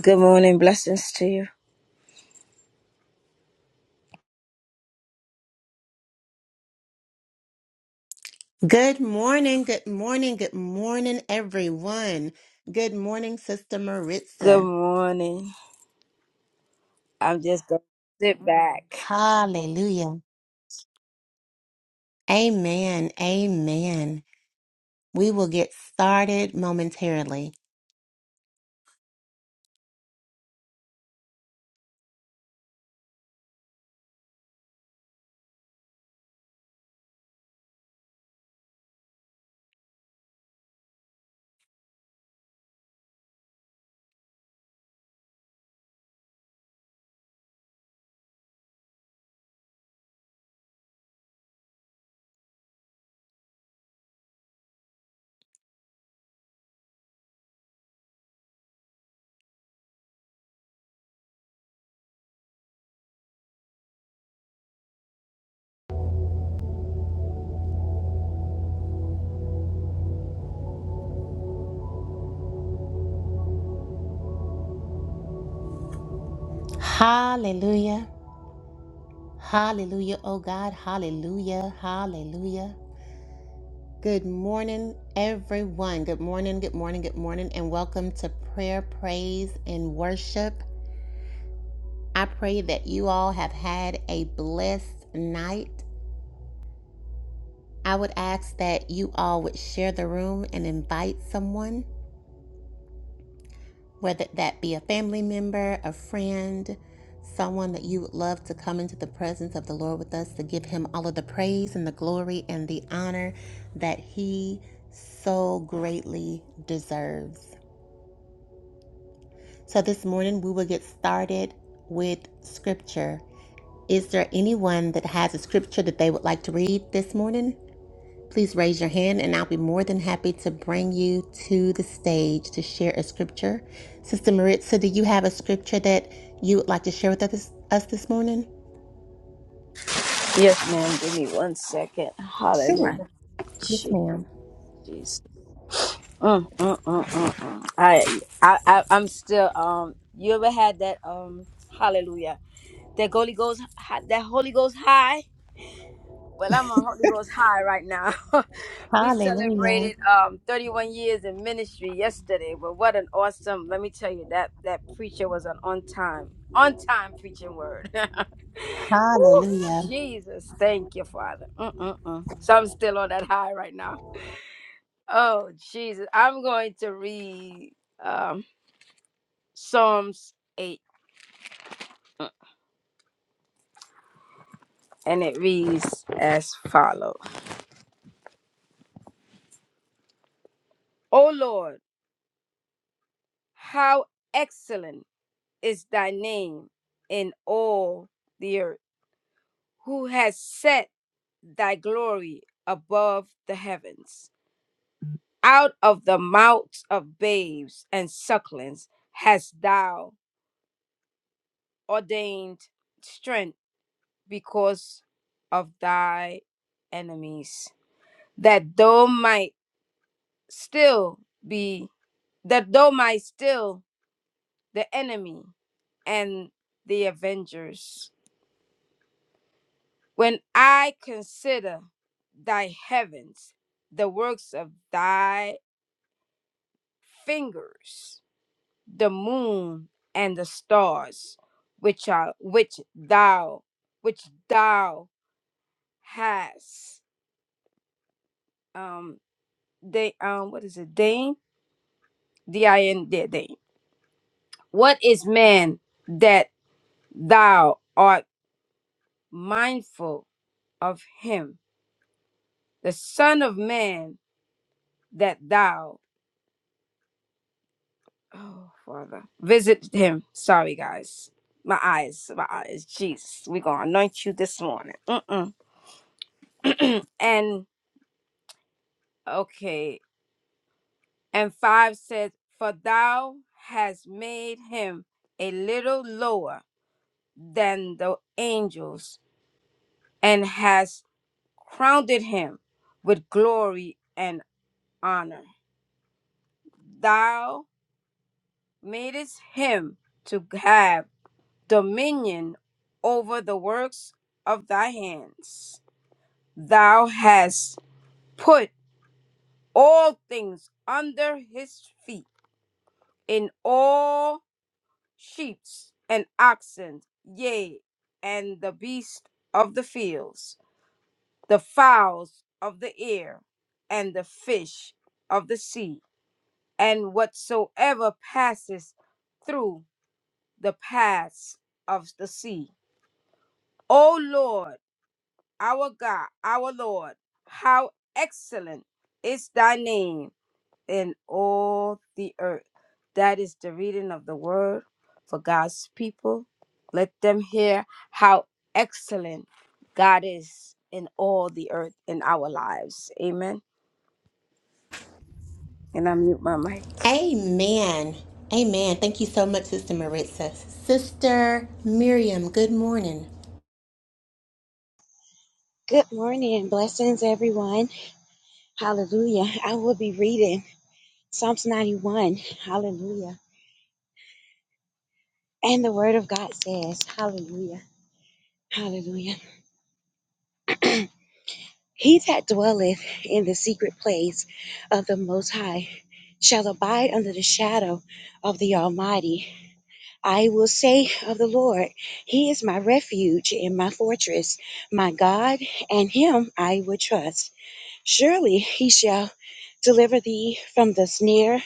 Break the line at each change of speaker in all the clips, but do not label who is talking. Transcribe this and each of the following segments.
Good morning. Blessings to you.
Good morning, good morning, good morning, everyone. Good morning, Sister
Good
Maritza.
morning. I'm just going to sit back.
Hallelujah. Amen, amen. We will get started momentarily. Hallelujah, hallelujah, oh God, hallelujah, hallelujah. Good morning, everyone. Good morning, good morning, good morning, and welcome to prayer, praise, and worship. I pray that you all have had a blessed night I would ask that you all would share the room and invite someone, whether that be a family member, a friend, someone that you would love to come into the presence of the Lord with us to give him all of the praise and the glory and the honor that he so greatly deserves. So this morning we will get started with scripture. Is there anyone that has a scripture that they would like to read this morning? Please raise your hand, and I'll be more than happy to bring you to the stage to share a scripture. Sister Maritza, do you have a scripture that you would like to share with us, us this morning?
Yes, ma'am. Give me one second. Hallelujah.
Yes,
Gee,
ma'am.
Jesus. Mm, mm, mm, mm, mm. I, I, I, I'm still, um, you ever had that, um, hallelujah, that Holy Ghost, hi- that Holy Ghost high? Well, I'm on Holy Ghost high right now. we
Hallelujah.
celebrated um 31 years in ministry yesterday. But what an awesome! Let me tell you that that preacher was an on time, on time preaching word. Woo,
Hallelujah.
Jesus, thank you, Father. Mm-mm-mm. So I'm still on that high right now. Oh Jesus, I'm going to read um Psalms 8, mm, and it reads as follows: O Lord, how excellent! is thy name in all the earth, who has set thy glory above the heavens. Out of the mouths of babes and sucklings hast thou ordained strength because of thy enemies, that thou might still be, that thou might still the enemy and the avengers. When I consider thy heavens, the works of thy fingers, the moon and the stars, which are which thou which thou hast. Um they um what is it? Dane? D I N D Dane. What is man that thou art mindful of him? The son of man that thou Oh, Father. Visit him. Sorry, guys. My eyes, my eyes. Jesus, we're going to anoint you this morning. Mm-mm. and, okay. And five says, For thou hast made him a little lower than the angels and hast crowned him with glory and honor. Thou madest him to have dominion over the works of thy hands. Thou hast put all things under his feet, in all sheep and oxen, yea, and the beasts of the fields, the fowls of the air, and the fish of the sea, and whatsoever passeth through the paths of the sea. O Lord, our God, our Lord. How excellent is thy name in all the earth. That is the reading of the word for God's people. Let them hear how excellent God is in all the earth in our lives. Amen. And I mute my mic.
Amen. Amen. Thank you so much, Sister Maritza. Sister Miriam, good morning.
Good morning. Blessings, everyone. Hallelujah. I will be reading Psalms 91. Hallelujah. And the word of God says, Hallelujah. Hallelujah. he that dwelleth in the secret place of the Most High shall abide under the shadow of the Almighty. I will say of the Lord, He is my refuge and my fortress, my God, and Him I will trust. Surely He shall deliver thee from the snare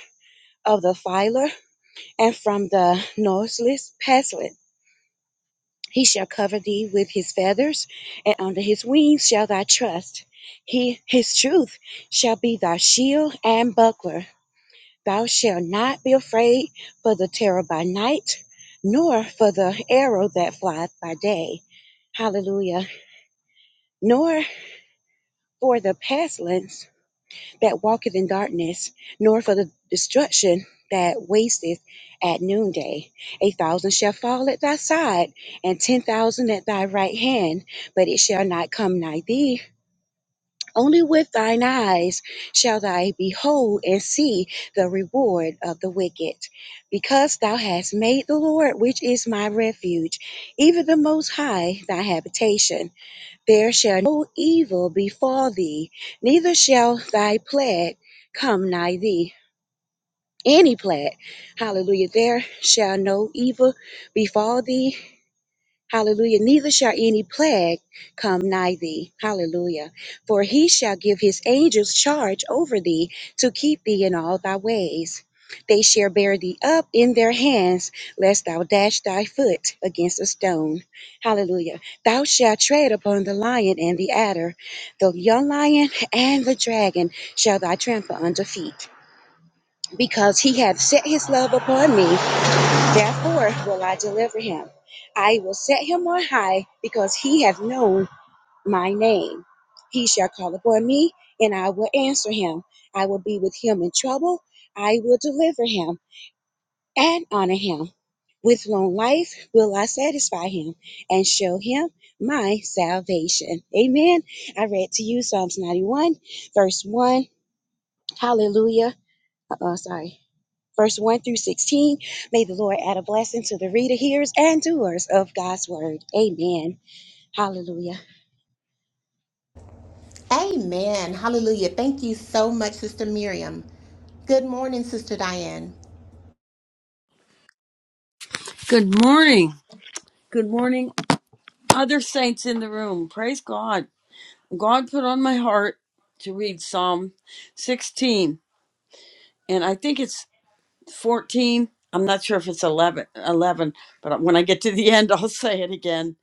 of the filer, and from the noiseless pestlet. He shall cover thee with his feathers, and under his wings shall thy trust. He, his truth shall be thy shield and buckler. Thou shalt not be afraid for the terror by night, nor for the arrow that flieth by day. Hallelujah. Nor for the pestilence that walketh in darkness, nor for the destruction that wasteth at noonday. A thousand shall fall at thy side, and ten thousand at thy right hand, but it shall not come nigh thee. Only with thine eyes shall thou behold and see the reward of the wicked. Because thou hast made the Lord, which is my refuge, even the Most High, thy habitation. There shall no evil befall thee, neither shall thy plague come nigh thee. Any plague, hallelujah, there shall no evil befall thee, Hallelujah. Neither shall any plague come nigh thee. Hallelujah. For he shall give his angels charge over thee to keep thee in all thy ways. They shall bear thee up in their hands, lest thou dash thy foot against a stone. Hallelujah. Thou shalt tread upon the lion and the adder, the young lion and the dragon shall thou trample under feet. Because he hath set his love upon me, Therefore will I deliver him. I will set him on high because he hath known my name. He shall call upon me, and I will answer him. I will be with him in trouble. I will deliver him and honor him. With long life will I satisfy him and show him my salvation. Amen. I read to you Psalms 91, verse 1. Hallelujah. Uh oh, sorry verse 1 through 16. May the Lord add a blessing to the reader, hearers, and doers of God's word. Amen. Hallelujah.
Amen. Hallelujah. Thank you so much, Sister Miriam. Good morning, Sister Diane.
Good morning. Good morning, other saints in the room. Praise God. God put on my heart to read Psalm 16, and I think it's 14. I'm not sure if it's 11, 11, but when I get to the end, I'll say it again.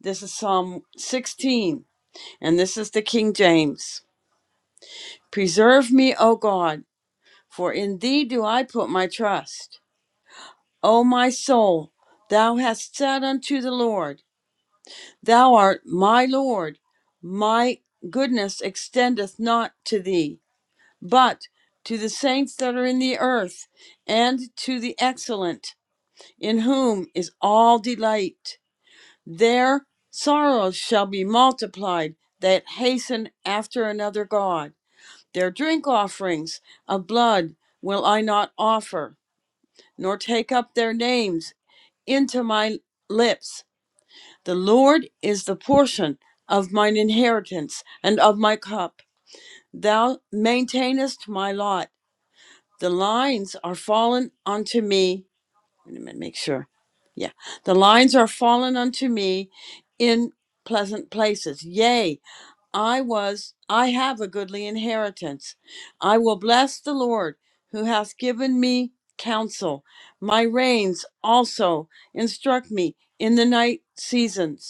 This is Psalm 16, and this is the King James. Preserve me, O God, for in thee do I put my trust. O my soul, thou hast said unto the Lord, Thou art my Lord, my goodness extendeth not to thee, but to the saints that are in the earth, and to the excellent, in whom is all delight. Their sorrows shall be multiplied that hasten after another God. Their drink offerings of blood will I not offer, nor take up their names into my lips. The Lord is the portion of mine inheritance and of my cup. Thou maintainest my lot. The lines are fallen unto me. Wait a minute, make sure. Yeah. The lines are fallen unto me in pleasant places. Yea, I was, I have a goodly inheritance. I will bless the Lord who hath given me counsel. My reins also instruct me in the night seasons.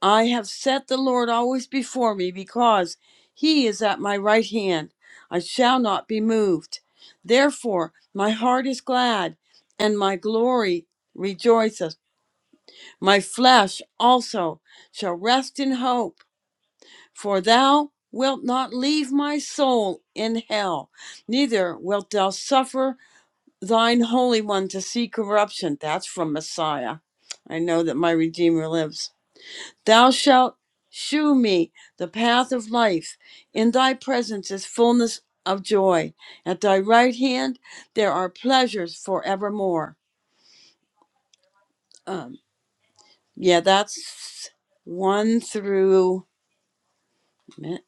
I have set the Lord always before me because he is at my right hand. I shall not be moved. Therefore, my heart is glad and my glory rejoiceth. My flesh also shall rest in hope, for thou wilt not leave my soul in hell, neither wilt thou suffer thine Holy One to see corruption. That's from Messiah. I know that my Redeemer lives. Thou shalt shew me the path of life. In thy presence is fullness of joy. At thy right hand there are pleasures forevermore. Um, yeah, that's one through a minute,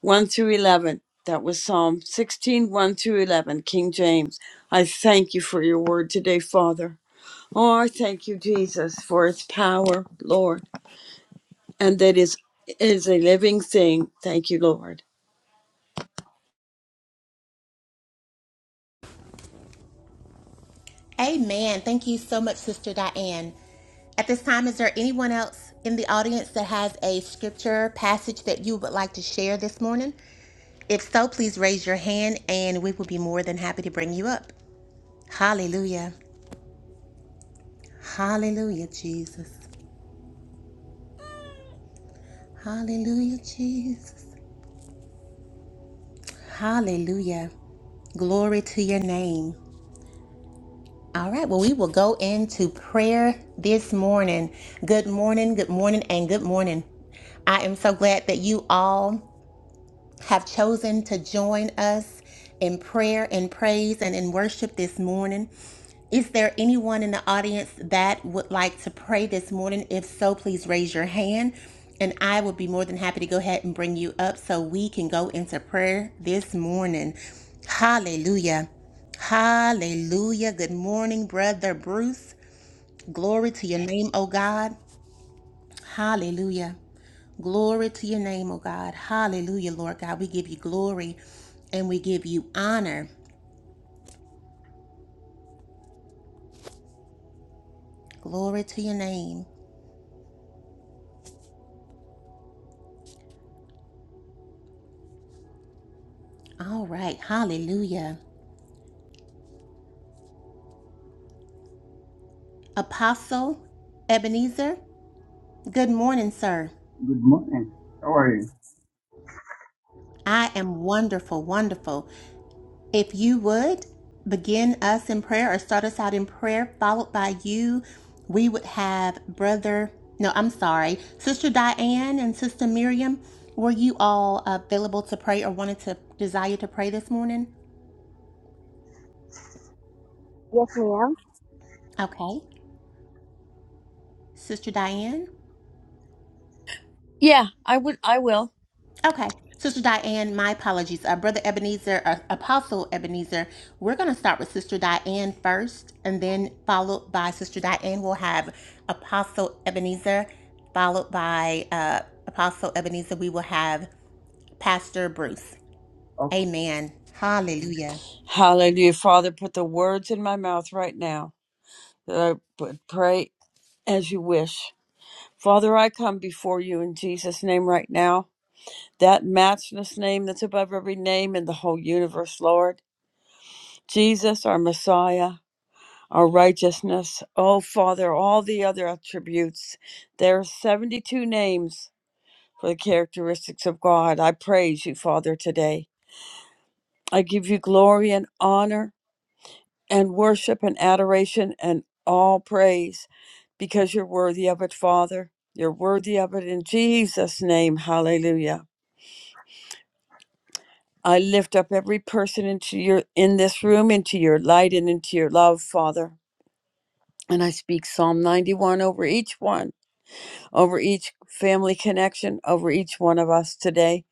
one through eleven. That was Psalm sixteen, one through 11, King James. I thank you for your word today, Father. Oh, I thank you, Jesus, for its power, Lord, and that is is a living thing. Thank you, Lord.
Amen. Thank you so much, Sister Diane. At this time, is there anyone else in the audience that has a scripture passage that you would like to share this morning? If so, please raise your hand and we will be more than happy to bring you up. Hallelujah. Hallelujah, Jesus. Hallelujah, Jesus. Hallelujah. Glory to your name. All right, well, we will go into prayer this morning. Good morning, good morning, and good morning. I am so glad that you all have chosen to join us in prayer and praise and in worship this morning. Is there anyone in the audience that would like to pray this morning? If so, please raise your hand and I would be more than happy to go ahead and bring you up so we can go into prayer this morning. Hallelujah. Hallelujah. Good morning, brother Bruce. Glory to your name, oh God. Hallelujah. Glory to your name, oh God. Hallelujah, Lord God. We give you glory and we give you honor. Glory to your name. All right. Hallelujah. Apostle Ebenezer, good morning, sir.
Good morning. How are you?
I am wonderful, wonderful. If you would begin us in prayer or start us out in prayer, followed by you, we would have Brother, no, I'm sorry, Sister Diane and Sister Miriam. Were you all available to pray or wanted to desire to pray this morning?
Yes, ma'am.
Okay. Sister Diane?
Yeah, I would. I will.
Okay. Sister Diane, my apologies. Uh, Brother Ebenezer, uh, Apostle Ebenezer, we're going to start with Sister Diane first, and then followed by Sister Diane. We'll have Apostle Ebenezer, followed by uh, Apostle Ebenezer. We will have Pastor Bruce.
Okay.
Amen. Hallelujah.
Hallelujah, Father. Put the words in my mouth right now that I would pray as you wish. Father, I come before you in Jesus' name right now. That matchless name that's above every name in the whole universe, Lord. Jesus, our Messiah, our righteousness. Oh, Father, all the other attributes. There are 72 names for the characteristics of God. I praise you, Father, today. I give you glory and honor and worship and adoration and all praise because you're worthy of it, Father. You're worthy of it in Jesus' name. Hallelujah. I lift up every person into your in this room into your light and into your love, Father. And I speak Psalm 91 over each one, over each family connection, over each one of us today,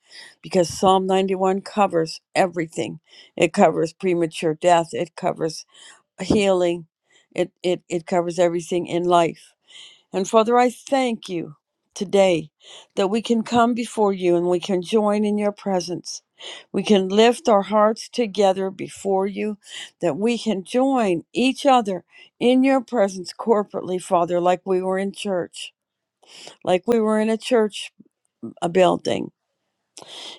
because Psalm 91 covers everything. It covers premature death. It covers healing. It, it, it covers everything in life. And Father, I thank you today that we can come before you and we can join in your presence. We can lift our hearts together before you, that we can join each other in your presence corporately, Father, like we were in church, like we were in a church a building.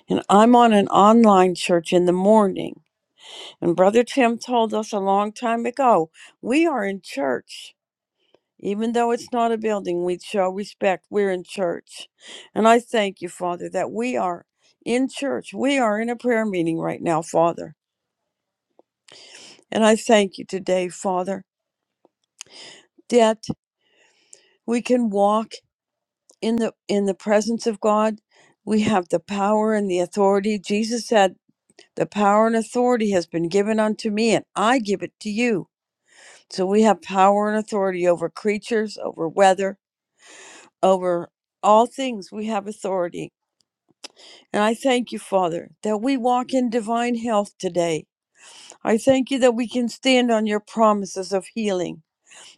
And I'm on an online church in the morning. And Brother Tim told us a long time ago, we are in church Even though it's not a building, we show respect. We're in church. And I thank you, Father, that we are in church. We are in a prayer meeting right now, Father. And I thank you today, Father, that we can walk in the in the presence of God. We have the power and the authority. Jesus said, "The power and authority has been given unto me, and I give it to you." So we have power and authority over creatures, over weather, over all things. We have authority And I thank you, Father, that we walk in divine health today. I thank you that we can stand on your promises of healing.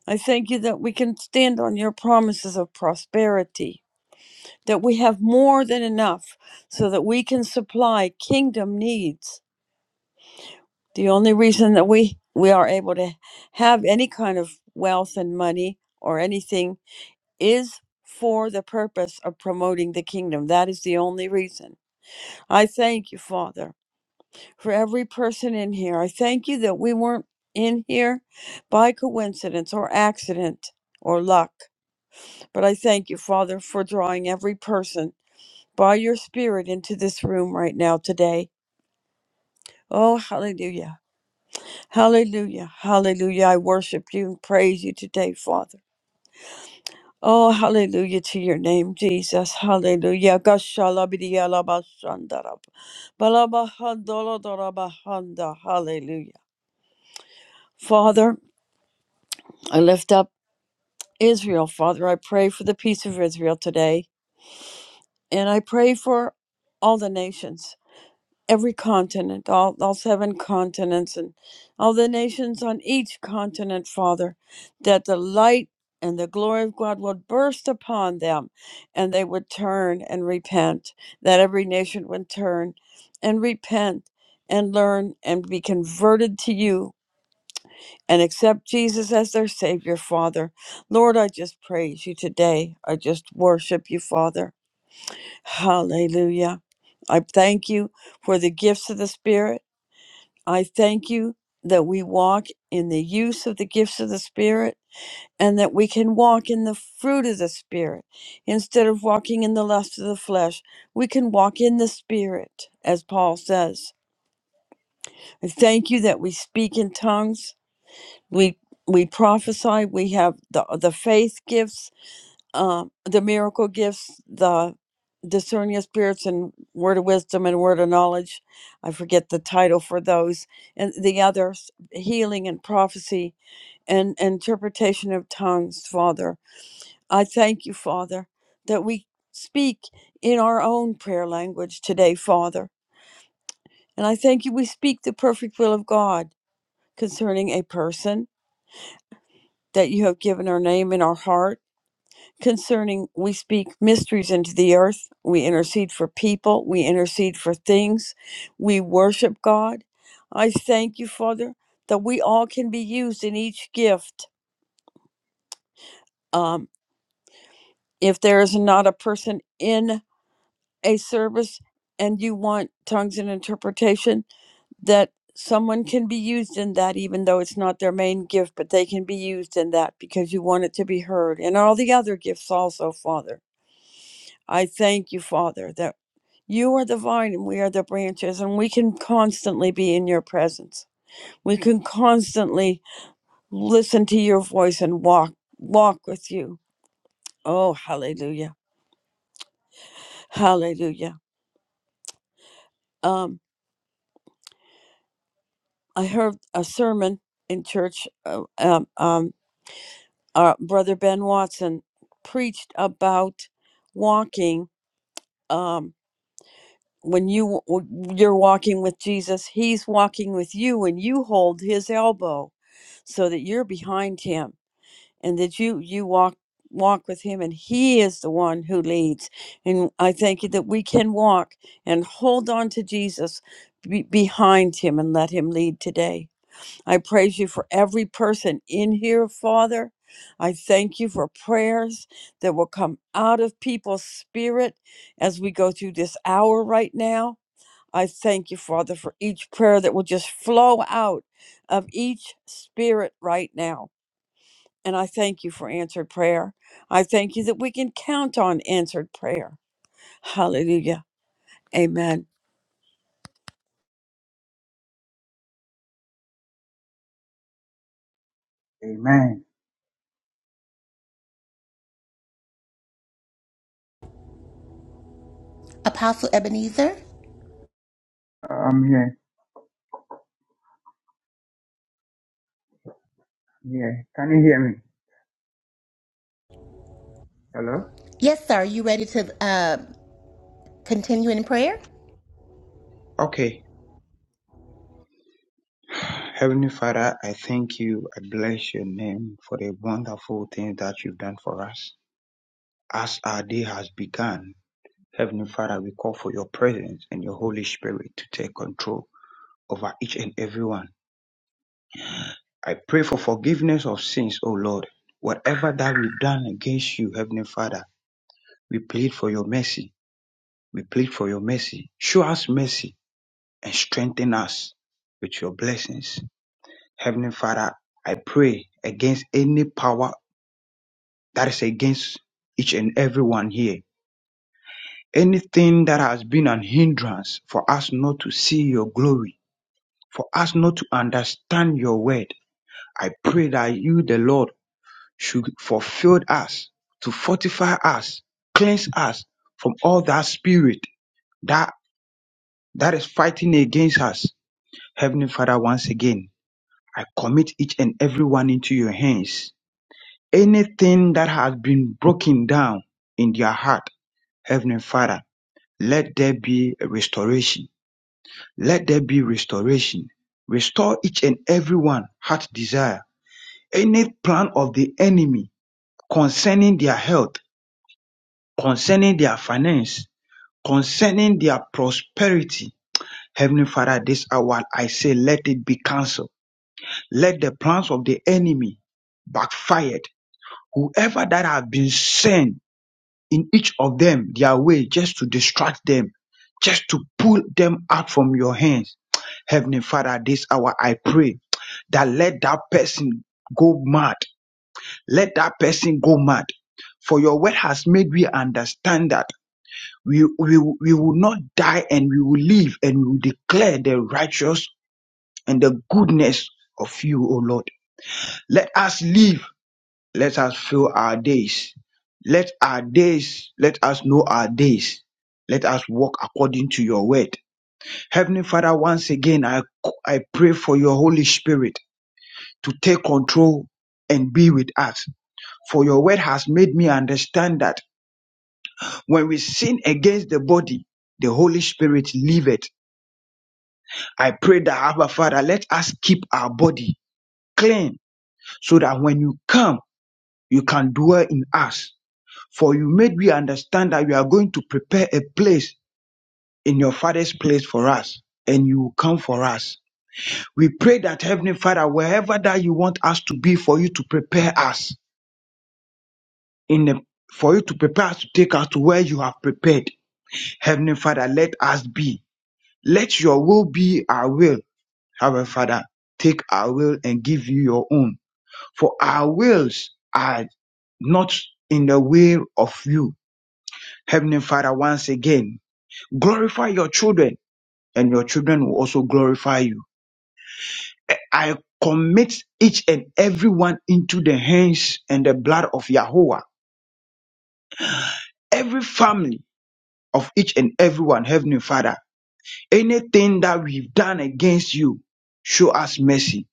I thank you that we can stand on your promises of prosperity, that we have more than enough so that we can supply kingdom needs. The only reason that we, we are able to have any kind of wealth and money or anything is for the purpose of promoting the kingdom. That is the only reason. I thank you, Father. for every person in here. I thank you that we weren't in here by coincidence or accident or luck, but I thank you, Father, for drawing every person by your Spirit into this room right now today. Oh, hallelujah. Hallelujah. Hallelujah. I worship you and praise you today, Father. Oh, hallelujah to your name, Jesus. Hallelujah. Gashalabidiyalabashandarab- balabahandolodorabahanda. Hallelujah. Father, I lift up. Israel, Father. I pray for the peace of Israel today. And I pray for all the nations, every continent, all, all seven continents, and all the nations on each continent, Father, that the light and the glory of God would burst upon them and they would turn and repent, that every nation would turn and repent and learn and be converted to you and accept Jesus as their Savior, Father. Lord, I just praise you today. I just worship you, Father. Hallelujah. I thank you for the gifts of the Spirit. I thank you that we walk in the use of the gifts of the Spirit and that we can walk in the fruit of the Spirit. Instead of walking in the lust of the flesh, we can walk in the Spirit, as Paul says. I thank you that we speak in tongues we we prophesy we have the the faith gifts um the miracle gifts the discerning of spirits and word of wisdom and word of knowledge i forget the title for those and the others healing and prophecy and interpretation of tongues father i thank you father that we speak in our own prayer language today father and i thank you we speak the perfect will of god concerning a person that you have given our name in our heart concerning we speak mysteries into the earth we intercede for people we intercede for things we worship god i thank you father that we all can be used in each gift um, if there is not a person in a service and you want tongues and interpretation that someone can be used in that even though it's not their main gift but they can be used in that because you want it to be heard and all the other gifts also father I thank you, Father, that you are the vine and we are the branches, and we can constantly be in your presence. We can constantly listen to your voice and walk walk with you. Oh, hallelujah. Hallelujah. Um, I heard a sermon in church. Uh, um, um, uh, Brother Ben Watson preached about walking. Um, when you you're walking with Jesus, He's walking with you, and you hold His elbow so that you're behind him and that you you walk walk with him and he is the one who leads and i thank you that we can walk and hold on to jesus be behind him and let him lead today i praise you for every person in here father i thank you for prayers that will come out of people's spirit as we go through this hour right now i thank you father for each prayer that will just flow out of each spirit right now and I thank you for answered prayer. I thank you that we can count on answered prayer. Hallelujah. Amen.
Amen.
Apostle Ebenezer?
I'm here. i here. Can you hear me? Hello?
Yes, sir. Are you ready to uh, continue in prayer?
Okay. Heavenly Father, I thank you. I bless your name for the wonderful things that you've done for us. As our day has begun, Heavenly Father, we call for your presence and your Holy Spirit to take control over each and every one. I pray for forgiveness of sins, O Lord. Whatever that we've done against you, Heavenly Father, we plead for your mercy. We plead for your mercy. Show us mercy and strengthen us with your blessings. Heavenly Father, I pray against any power that is against each and every one here. Anything that has been an hindrance for us not to see your glory, for us not to understand your word, I pray that you, the Lord, should fulfill us, to fortify us, cleanse us from all that spirit that, that is fighting against us. Heavenly Father, once again, I commit each and every one into your hands. Anything that has been broken down in their heart, Heavenly Father, let there be a restoration. Let there be restoration. Restore each and every one heart desire. Any plan of the enemy concerning their health, concerning their finance, concerning their prosperity. Heavenly Father, this hour I say, let it be cancelled. Let the plans of the enemy backfire whoever that have been sent in each of them their way just to distract them, just to pull them out from your hands. Heavenly Father, this hour I pray that let that person go mad. Let that person go mad. For your word has made we understand that we, we, we will not die and we will live and we will declare the righteous and the goodness of you, O Lord. Let us live Let us fill our days. Let our days, let us know our days. Let us walk according to your word. Heavenly Father, once again, I, I pray for your Holy Spirit to take control and be with us. For your word has made me understand that when we sin against the body, the Holy Spirit leave it. I pray that Abba Father, let us keep our body clean so that when you come, you can dwell in us. For you made we understand that you are going to prepare a place in your father's place for us and you will come for us. We pray that Heavenly Father, wherever that you want us to be for you to prepare us in the for you to prepare us to take us to where you have prepared. Heavenly Father, let us be. Let your will be our will. Heavenly Father, take our will and give you your own. For our wills are not in the will of you. Heavenly Father, once again, Glorify your children, and your children will also glorify you. I commit each and every one into the hands and the blood of Yahweh. Every family of each and every one, Heavenly Father, anything that we've done against you, show us mercy.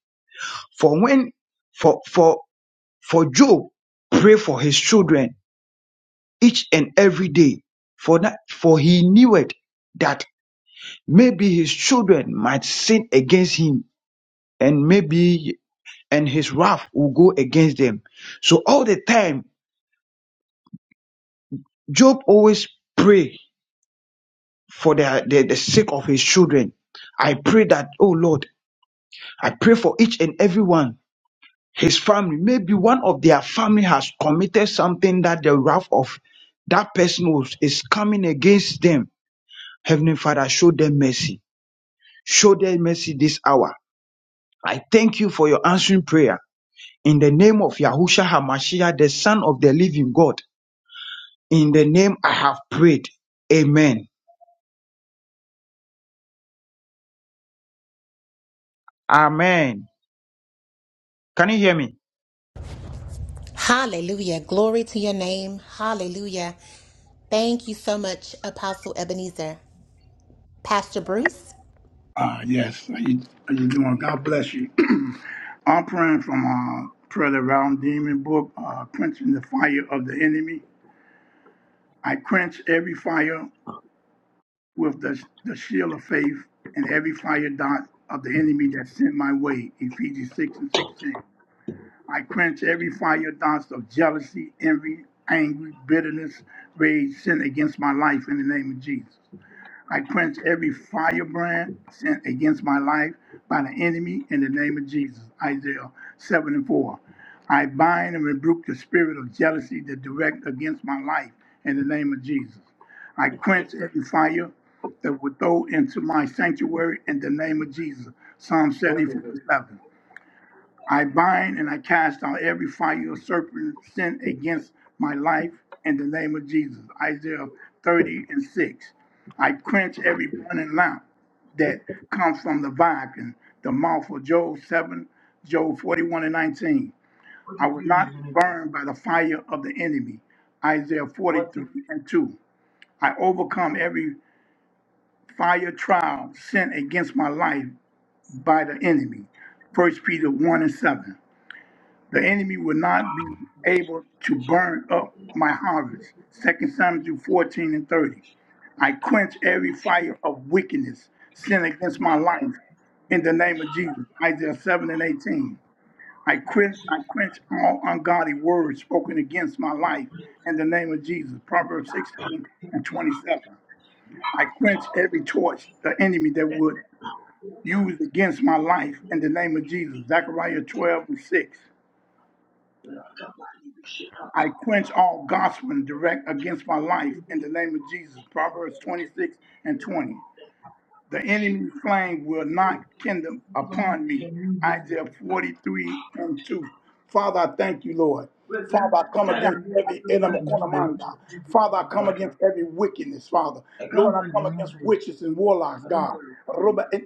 For when, for, for, for Job, pray for his children each and every day. For that, for he knew it that maybe his children might sin against him and maybe and his wrath will go against them. So all the time, Job always pray for the, the, the sake of his children. I pray that, oh Lord, I pray for each and every one, his family. Maybe one of their family has committed something that the wrath of that person was, is coming against them. Heavenly Father, show them mercy. Show them mercy this hour. I thank you for your answering prayer. In the name of Yahusha Hamashiach, the Son of the Living God. In the name I have prayed. Amen. Amen. Can you hear me?
Hallelujah. Glory to your name. Hallelujah. Thank you so much, Apostle Ebenezer. Pastor Bruce.
Uh, yes, how you, how you doing? God bless you. I'm praying from uh, Prayer of the Round Demon book, uh, quenching the fire of the enemy. I quench every fire with the, the shield of faith and every fire dart of the enemy that sent my way, Ephesians 6 and 16. I quench every fire dart of jealousy, envy, anger, bitterness, rage, sin against my life in the name of Jesus. I quench every firebrand sent against my life by the enemy in the name of Jesus. Isaiah 7 and 4. I bind and rebuke the spirit of jealousy that direct against my life in the name of Jesus. I quench every fire that would throw into my sanctuary in the name of Jesus. Psalm 74 and 11. I bind and I cast out every fiery serpent sent against my life in the name of Jesus. Isaiah 30 and 6. I quench every burning lamp that comes from the Viking, the mouth of Job 7, Job 41 and 19. I will not be burned by the fire of the enemy. Isaiah 43 and 2. I overcome every fire trial sent against my life by the enemy. First Peter 1 and 7. The enemy will not be able to burn up my harvest. Second Samuel 14 and 30. I quench every fire of wickedness, sin against my life. In the name of Jesus, Isaiah 7 and 18. I quench, I quench all ungodly words spoken against my life. In the name of Jesus, Proverbs 16 and 27. I quench every torch the enemy that would use against my life. In the name of Jesus, Zechariah 12 and 6. I quench all gossiping direct against my life in the name of Jesus. Proverbs 26 and 20. The enemy flame will not kindle upon me. Isaiah 43 and 2. Father, I thank you, Lord. Father, I come
Charlie, I can
against
I
every
can't find a new bed.
enemakonamanda. Father, I come against every wickedness, Father.
I can't find
Lord, I come
a new
against
bed.
witches and warlocks,
I don't know
God.
what I'm talking
Roba en-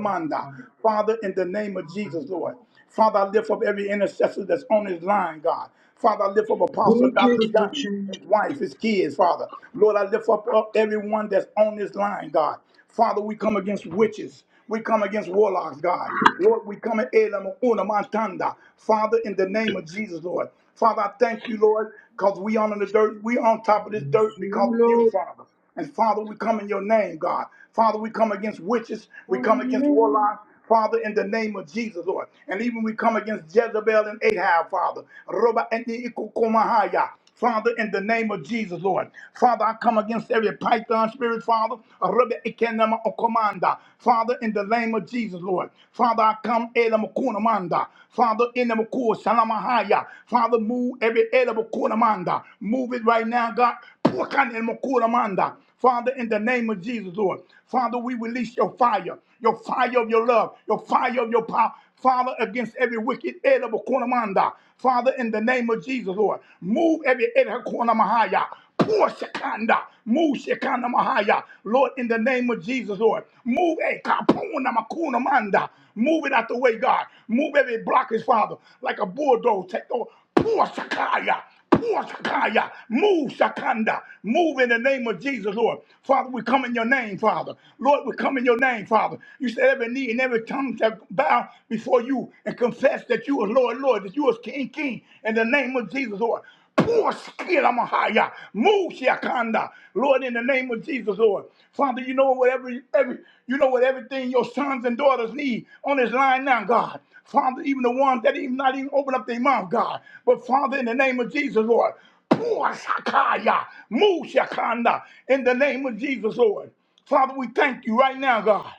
about this morning.
Father, in the name of Jesus, Lord. Father, I lift up every intercessor that's on his line, God. Father, I lift up Apostle
Okay,
Dr. Dunn,
Richard.
his wife, his kids, Father. Lord, I lift up, up everyone that's on this line, God. Father, we come against witches. We come against warlocks, God. Lord, we come at Elam Una mantanda. Father, in the name of Jesus, Lord. Father, I thank you, Lord, because we on the dirt. We on top of this dirt because of you, Father. And Father, we come in your name, God. Father, we come against witches. We come against warlocks. Father, in the name of Jesus, Lord. And even we come against Jezebel and Ahab, Father. Roba and the Ikukumahaya. Father, in the name of Jesus, Lord. Father, I come against every python spirit, Father. Roba Ikenema Okomanda. Father, in the name of Jesus, Lord. Father, I come Elam Kunamanda. Father, in the Makur Salamahaya. Father, move every Elam Kunamanda. Move it right now, God. Pukan El Makuramanda. Father, in the name of Jesus, Lord. Father, we release your fire, your fire of your love, your fire of your power. Father, against every wicked head of a cornamanda. Father, in the name of Jesus, Lord. Move every head of a cornamahaya. Pour Shekanda. Move Shekanda Mahaya. Lord, in the name of Jesus, Lord. Move a kapuna makuna manda. Move it out the way, God. Move every blockage, Father, like a bulldozer. Take over. Pour Shakaya. Puashakaya, Move, Shakanda. Move in the name of Jesus, Lord. Father, we come in your name, Father. Lord, we come in your name, Father. You said every knee and every tongue shall bow before you and confess that you are Lord, Lord, that you are King, King, in the name of Jesus, Lord. Poor skill, I'm a higher. Mushiakanda. Lord, in the name of Jesus, Lord. Father, you know whatever every you know what everything your sons and daughters need on this line now, God. Father, even the ones that even not even open up their mouth, God. But Father, in the name of Jesus, Lord. Poor Shakaya. Mushiakanda. In the name of Jesus, Lord. Father, we thank you right now, God.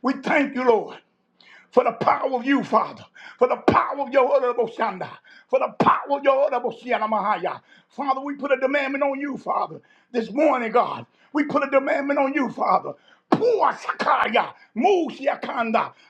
We thank you, Lord for the power of you, Father, for the power of your honorable Shanda, for the power of your honorable Shiana Mahaya. Father, we put a demandment on you, Father, this morning, God. We put a demandment on you, Father. Pour Sakaya, move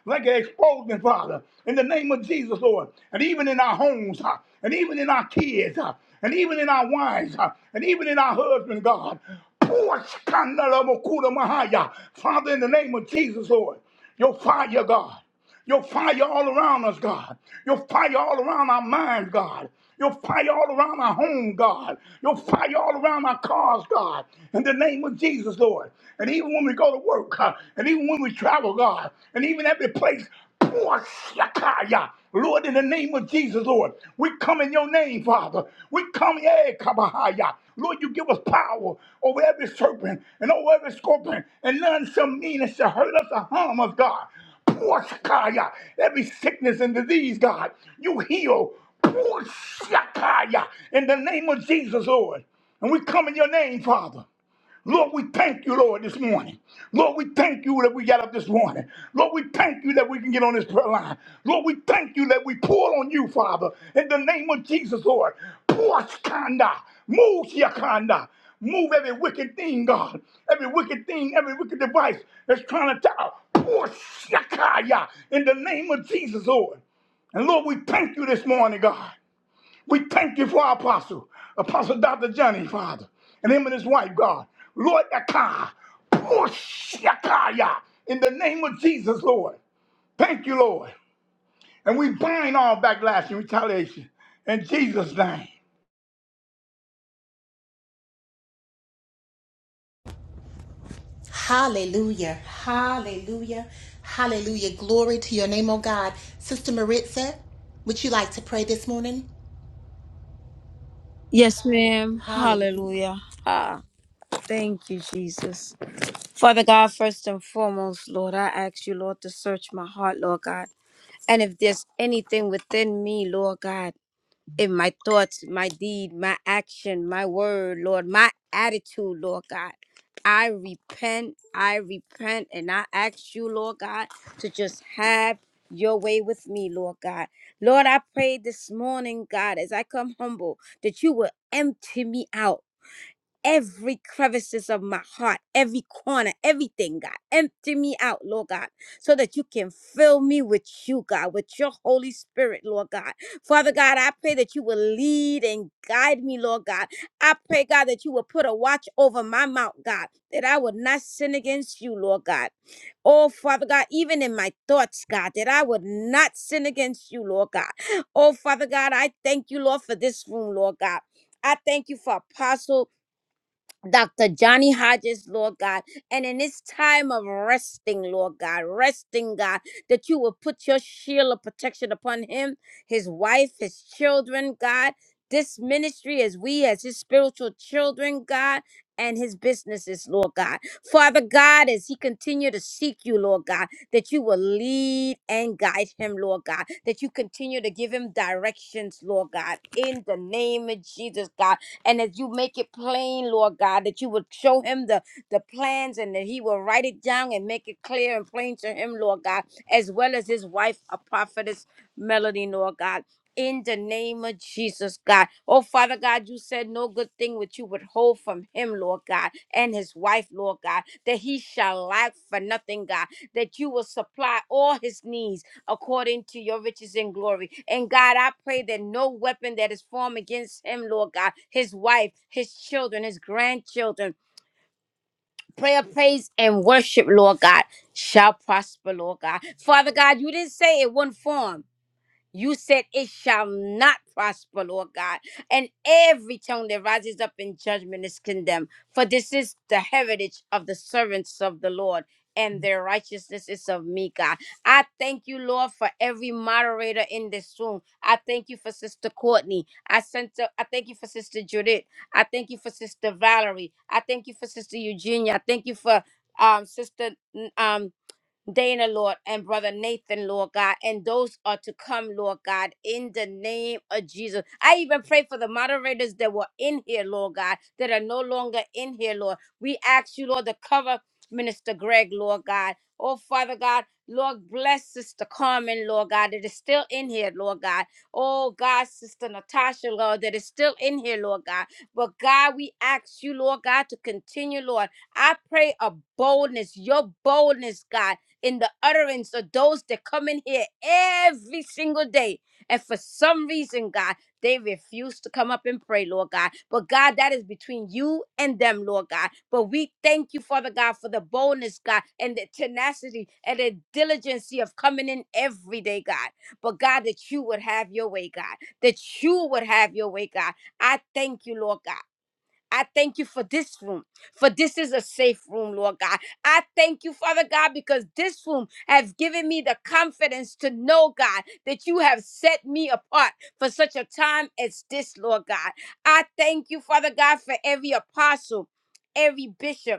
like an exploding, Father, in the name of Jesus, Lord, and even in our homes, huh, and even in our kids, huh, and even in our wives, huh, and even in our husbands, God. Pour Sakanda Lamokura Mahaya, Father, in the name of Jesus, Lord, your fire, God. Your fire all around us, God. Your fire all around our minds, God. Your fire all around our home, God. Your fire all around our cars, God. In the name of Jesus, Lord. And even when we go to work, God, and even when we travel, God, and even every place, pour shakaya. Lord, in the name of Jesus, Lord, we come in your name, Father. We come, eh, kabahaya. Lord, you give us power over every serpent and over every scorpion, and none shall mean it shall hurt us or harm us, God. Poshakaya. Every sickness and disease, God, you heal. Poshakaya. In the name of Jesus, Lord. And we come in your name, Father. Lord, we thank you, Lord, this morning. Lord, we thank you that we got up this morning. Lord, we thank you that we can get on this prayer line. Lord, we thank you that we pull on you, Father, in the name of Jesus, Lord. Pour us, kanda, move your kanda. Move every wicked thing, God. Every wicked thing, every wicked device that's trying to tell pour shakaya in the name of Jesus, Lord. And Lord, we thank you this morning, God. We thank you for our apostle, Apostle Dr. Johnny, Father, and him and his wife, God. Lord, Yakai, push Yakaya in the name of Jesus, Lord. Thank you, Lord. And we bind all backlash and retaliation in Jesus' name.
Hallelujah. Hallelujah. Hallelujah. Glory to your name, oh God. Sister Maritza, would you like to pray this morning?
Yes, ma'am.
Hallelujah.
Hallelujah. Ah, thank you, Jesus. Father God, first and foremost, Lord, I ask you, Lord, to search my heart, Lord God. And if there's anything within me, Lord God, in my thoughts, my deed, my action, my word, Lord, my attitude, Lord God, I repent, I repent, and I ask you, Lord God, to just have your way with me, Lord God. Lord, I pray this morning, God, as I come humble, that you will empty me out every crevices of my heart, every corner, everything, God. Empty me out, Lord God, so that you can fill me with you, God, with your Holy Spirit, Lord God. Father God, I pray that you will lead and guide me, Lord God. I pray, God, that you will put a watch over my mouth, God, that I would not sin against you, Lord God. Oh, Father God, even in my thoughts, God, that I would not sin against you, Lord God. Oh, Father God, I thank you, Lord, for this room, Lord God. I thank you for Apostle Dr. Johnny Hodges, Lord God. And in this time of resting, Lord God, resting, God, that you will put your shield of protection upon him, his wife, his children, God. This ministry as we, as his spiritual children, God, and his businesses, Lord God. Father God, as he continue to seek you, Lord God, that you will lead and guide him, Lord God, that you continue to give him directions, Lord God, in the name of Jesus, God and as you make it plain, Lord God, that you would show him the, the plans and that he will write it down and make it clear and plain to him, Lord God, as well as his wife, a prophetess, Melody, Lord God. In the name of Jesus, God. Oh, Father God, you said no good thing which you would hold from him, Lord God, and his wife, Lord God, that he shall lack for nothing, God, that you will supply all his needs according to your riches in glory. And God, I pray that no weapon that is formed against him, Lord God, his wife, his children, his grandchildren, prayer, praise, and worship, Lord God, shall prosper, Lord God. Father God, you didn't say it wouldn't form. You said it shall not prosper, Lord God. And every tongue that rises up in judgment is condemned. For this is the heritage of the servants of the Lord, and their righteousness is of me, God. I thank you, Lord, for every moderator in this room. I thank you for Sister Courtney. I sent to, I thank you for Sister Judith. I thank you for Sister Valerie. I thank you for Sister Eugenia. I thank you for um Sister um Dana, Lord, and Brother Nathan, Lord God, and those are to come, Lord God, in the name of Jesus. I even pray for the moderators that were in here, Lord God, that are no longer in here, Lord. We ask you, Lord, to cover Minister Greg, Lord God. Oh, Father God, Lord, bless Sister Carmen, Lord God, that is still in here, Lord God. Oh, God, Sister Natasha, Lord, that is still in here, Lord God. But God, we ask you, Lord God, to continue, Lord. I pray a boldness, your boldness, God in the utterance of those that come in here every single day. And for some reason, God, they refuse to come up and pray, Lord God. But God, that is between you and them, Lord God. But we thank you, Father God, for the boldness, God, and the tenacity and the diligency of coming in every day, God. But God, that you would have your way, God. That you would have your way, God. I thank you, Lord God. I thank you for this room, for this is a safe room, Lord God. I thank you, Father God, because this room has given me the confidence to know, God, that you have set me apart for such a time as this, Lord God. I thank you, Father God, for every apostle, every bishop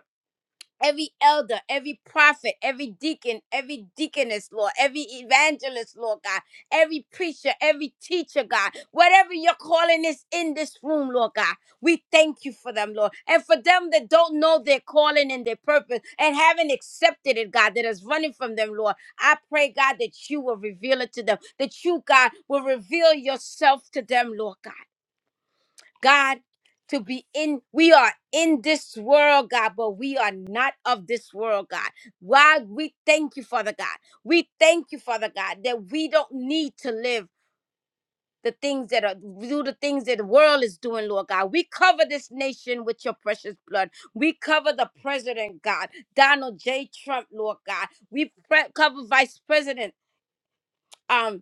every elder, every prophet, every deacon, every deaconess, Lord, every evangelist, Lord God, every preacher, every teacher, God, whatever your calling is in this room, Lord God, we thank you for them, Lord. And for them that don't know their calling and their purpose and haven't accepted it, God, that is running from them, Lord, I pray, God, that you will reveal it to them, that you, God, will reveal yourself to them, Lord God. God, to be in, we are in this world, God, but we are not of this world, God. Why we thank you, Father God. We thank you, Father God, that we don't need to live the things that are do the things that the world is doing, Lord God. We cover this nation with your precious blood. We cover the president, God, Donald J. Trump, Lord God. We pre- cover Vice President. Um,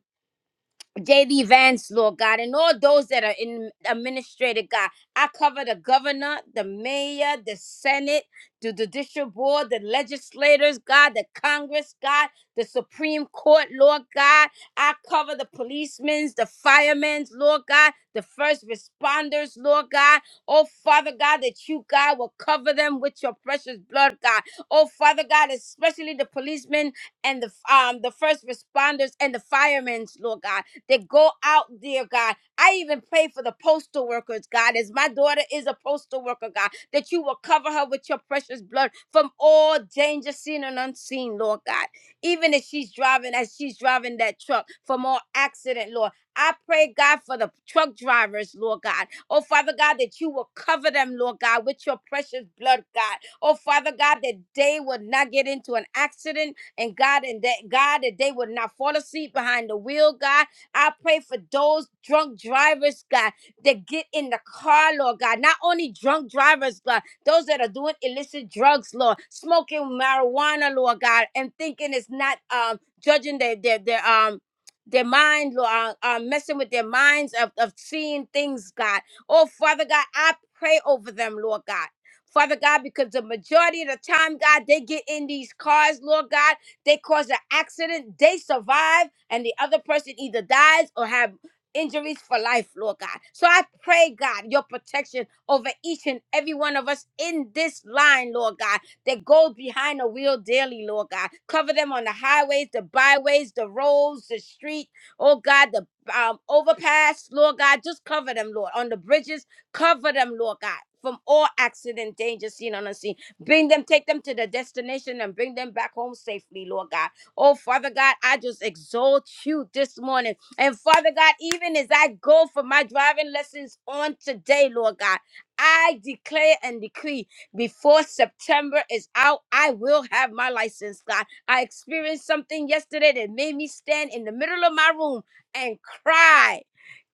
JD Vance, Lord God, and all those that are in administrative, God. I cover the governor, the mayor, the Senate, the judicial board, the legislators, God, the Congress, God, the Supreme Court, Lord God. I cover the policemen, the firemen, Lord God, the first responders, Lord God. Oh, Father God, that you, God, will cover them with your precious blood, God. Oh, Father God, especially the policemen and the um the first responders and the firemen, Lord God that go out, dear God. I even pray for the postal workers, God, as my daughter is a postal worker, God, that you will cover her with your precious blood from all danger seen and unseen, Lord God. Even as she's driving, as she's driving that truck from all accident, Lord. I pray, God, for the truck drivers, Lord God. Oh, Father God, that you will cover them, Lord God, with your precious blood, God. Oh, Father God, that they would not get into an accident, and God, and that God, that they would not fall asleep behind the wheel, God I pray for those drunk drivers, God, that get in the car, Lord God. Not only drunk drivers, God, those that are doing illicit drugs, Lord, smoking marijuana, Lord God, and thinking it's not um judging their their their um their mind, Lord, uh, uh, messing with their minds of, of seeing things, God. Oh, Father God, I pray over them, Lord God. Father God, because the majority of the time, God, they get in these cars, Lord God they cause an accident, they survive, and the other person either dies or have injuries for life, Lord God. So I pray, God, your protection over each and every one of us in this line, Lord God, that goes behind the wheel daily, Lord God. Cover them on the highways, the byways, the roads, the street, oh God, the um, overpass, Lord God. Just cover them, Lord. On the bridges, cover them, Lord God. From all accident, danger, seen on unseen. Bring them, take them to the destination and bring them back home safely, Lord God. Oh, Father God, I just exalt you this morning. And Father God, even as I go for my driving lessons on today, Lord God, I declare and decree before September is out, I will have my license, God. I experienced something yesterday that made me stand in the middle of my room and cry.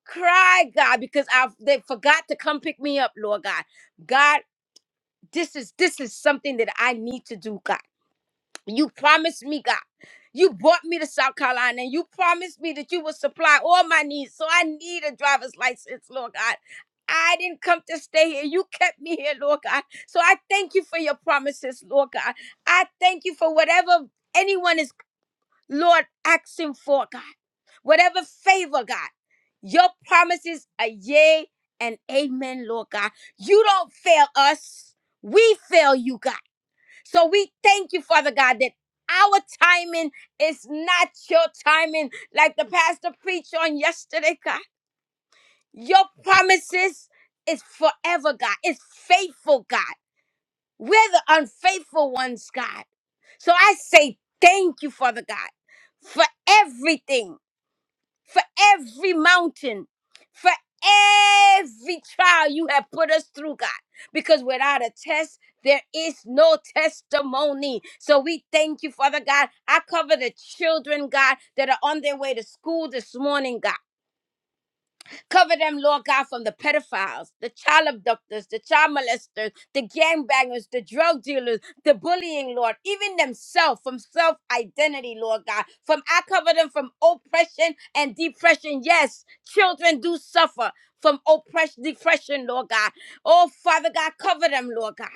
Cry, God, because I they forgot to come pick me up, Lord God. God, this is this is something that I need to do, God. You promised me, God. You brought me to South Carolina and you promised me that you would supply all my needs. So I need a driver's license, Lord God. I didn't come to stay here. You kept me here, Lord God. So I thank you for your promises, Lord God. I thank you for whatever anyone is Lord, ask him for God. Whatever favor, God, your promises are yea and amen, Lord God. You don't fail us. We fail you, God. So we thank you, Father God, that our timing is not your timing, like the pastor preached on yesterday, God. Your promises is forever, God. It's faithful, God. We're the unfaithful ones, God. So I say thank you, Father God, for everything, for every mountain, for every trial you have put us through, God. Because without a test, there is no testimony. So we thank you, Father God. I cover the children, God, that are on their way to school this morning, God. Cover them, Lord God, from the pedophiles, the child abductors, the child molesters, the gangbangers, the drug dealers, the bullying, Lord, even themselves from self identity, Lord God. From I cover them from oppression and depression. Yes, children do suffer from oppression, depression, Lord God. Oh, Father God, cover them, Lord God.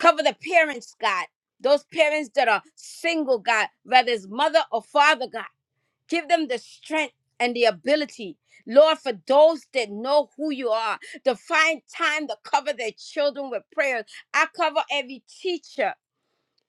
Cover the parents, God. Those parents that are single, God, whether it's mother or father, God. Give them the strength and the ability. Lord, for those that know who you are, to find time to cover their children with prayers. I cover every teacher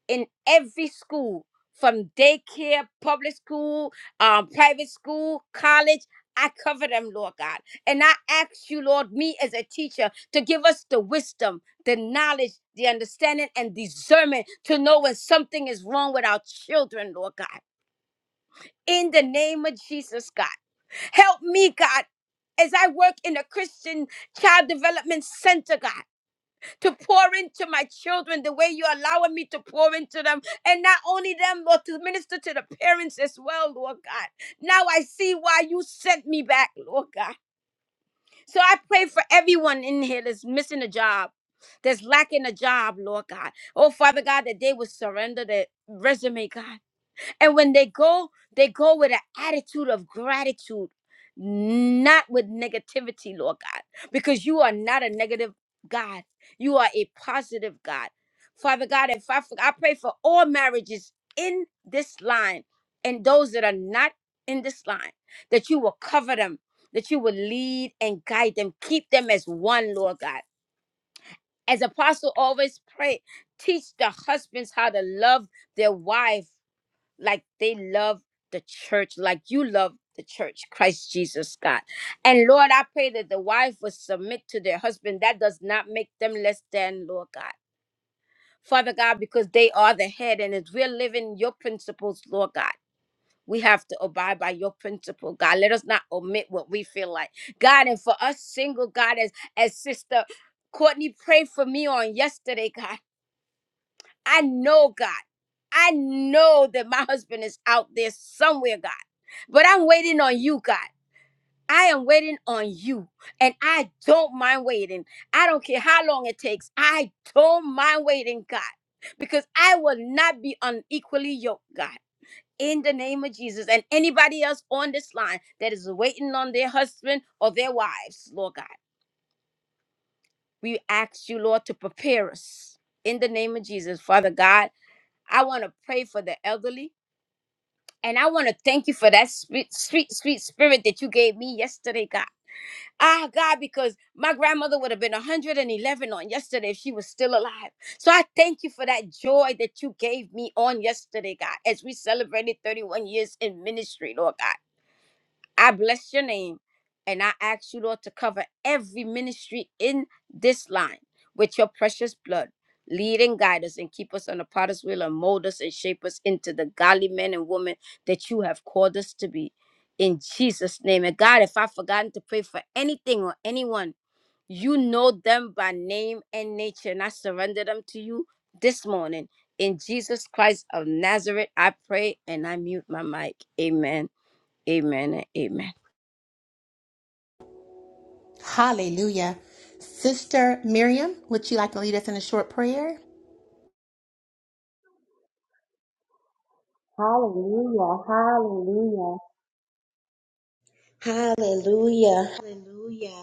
in every school, from daycare, public school, um, private school, college. I cover them, Lord God. And I ask you, Lord, me as a teacher, to give us the wisdom, the knowledge, the understanding, and discernment to know when something is wrong with our children, Lord God in the name of Jesus, God. Help me, God, as I work in a Christian child development center, God, to pour into my children the way you're allowing me to pour into them. And not only them, but to minister to the parents as well, Lord God. Now I see why you sent me back, Lord God. So I pray for everyone in here that's missing a job. That's lacking a job, Lord God. Oh, Father God, that they would surrender their resume, God. And when they go, they go with an attitude of gratitude, not with negativity, Lord God, because you are not a negative God. You are a positive God. Father God, if I, I pray for all marriages in this line and those that are not in this line, that you will cover them, that you will lead and guide them, keep them as one, Lord God. As apostle always pray, teach the husbands how to love their wife like they love the church, like you love the church, Christ Jesus, God. And Lord, I pray that the wife will submit to their husband. That does not make them less than, Lord God. Father God, because they are the head, and as we're living your principles, Lord God. We have to abide by your principle, God. Let us not omit what we feel like. God, and for us single, God, as as sister Courtney prayed for me on yesterday, God. I know, God. I know that my husband is out there somewhere, God. But I'm waiting on you, God. I am waiting on you, and I don't mind waiting. I don't care how long it takes. I don't mind waiting, God, because I will not be unequally yoked, God. In the name of Jesus, and anybody else on this line that is waiting on their husband or their wives, Lord God, we ask you, Lord, to prepare us. In the name of Jesus, Father God. I want to pray for the elderly. And I want to thank you for that sweet, sweet, sweet spirit that you gave me yesterday, God. Ah, God, because my grandmother would have been 111 on yesterday if she was still alive. So I thank you for that joy that you gave me on yesterday, God, as we celebrated 31 years in ministry, Lord God. I bless your name and I ask you, Lord, to cover every ministry in this line with your precious blood. Lead and guide us and keep us on the potter's wheel and mold us and shape us into the godly men and women that you have called us to be. In Jesus' name. And God, if I've forgotten to pray for anything or anyone, you know them by name and nature. And I surrender them to you this morning. In Jesus Christ of Nazareth, I pray and I mute my mic. Amen. Amen. and Amen.
Hallelujah. Sister Miriam, would you like to lead us in a short prayer?
Hallelujah, hallelujah. Hallelujah. Hallelujah.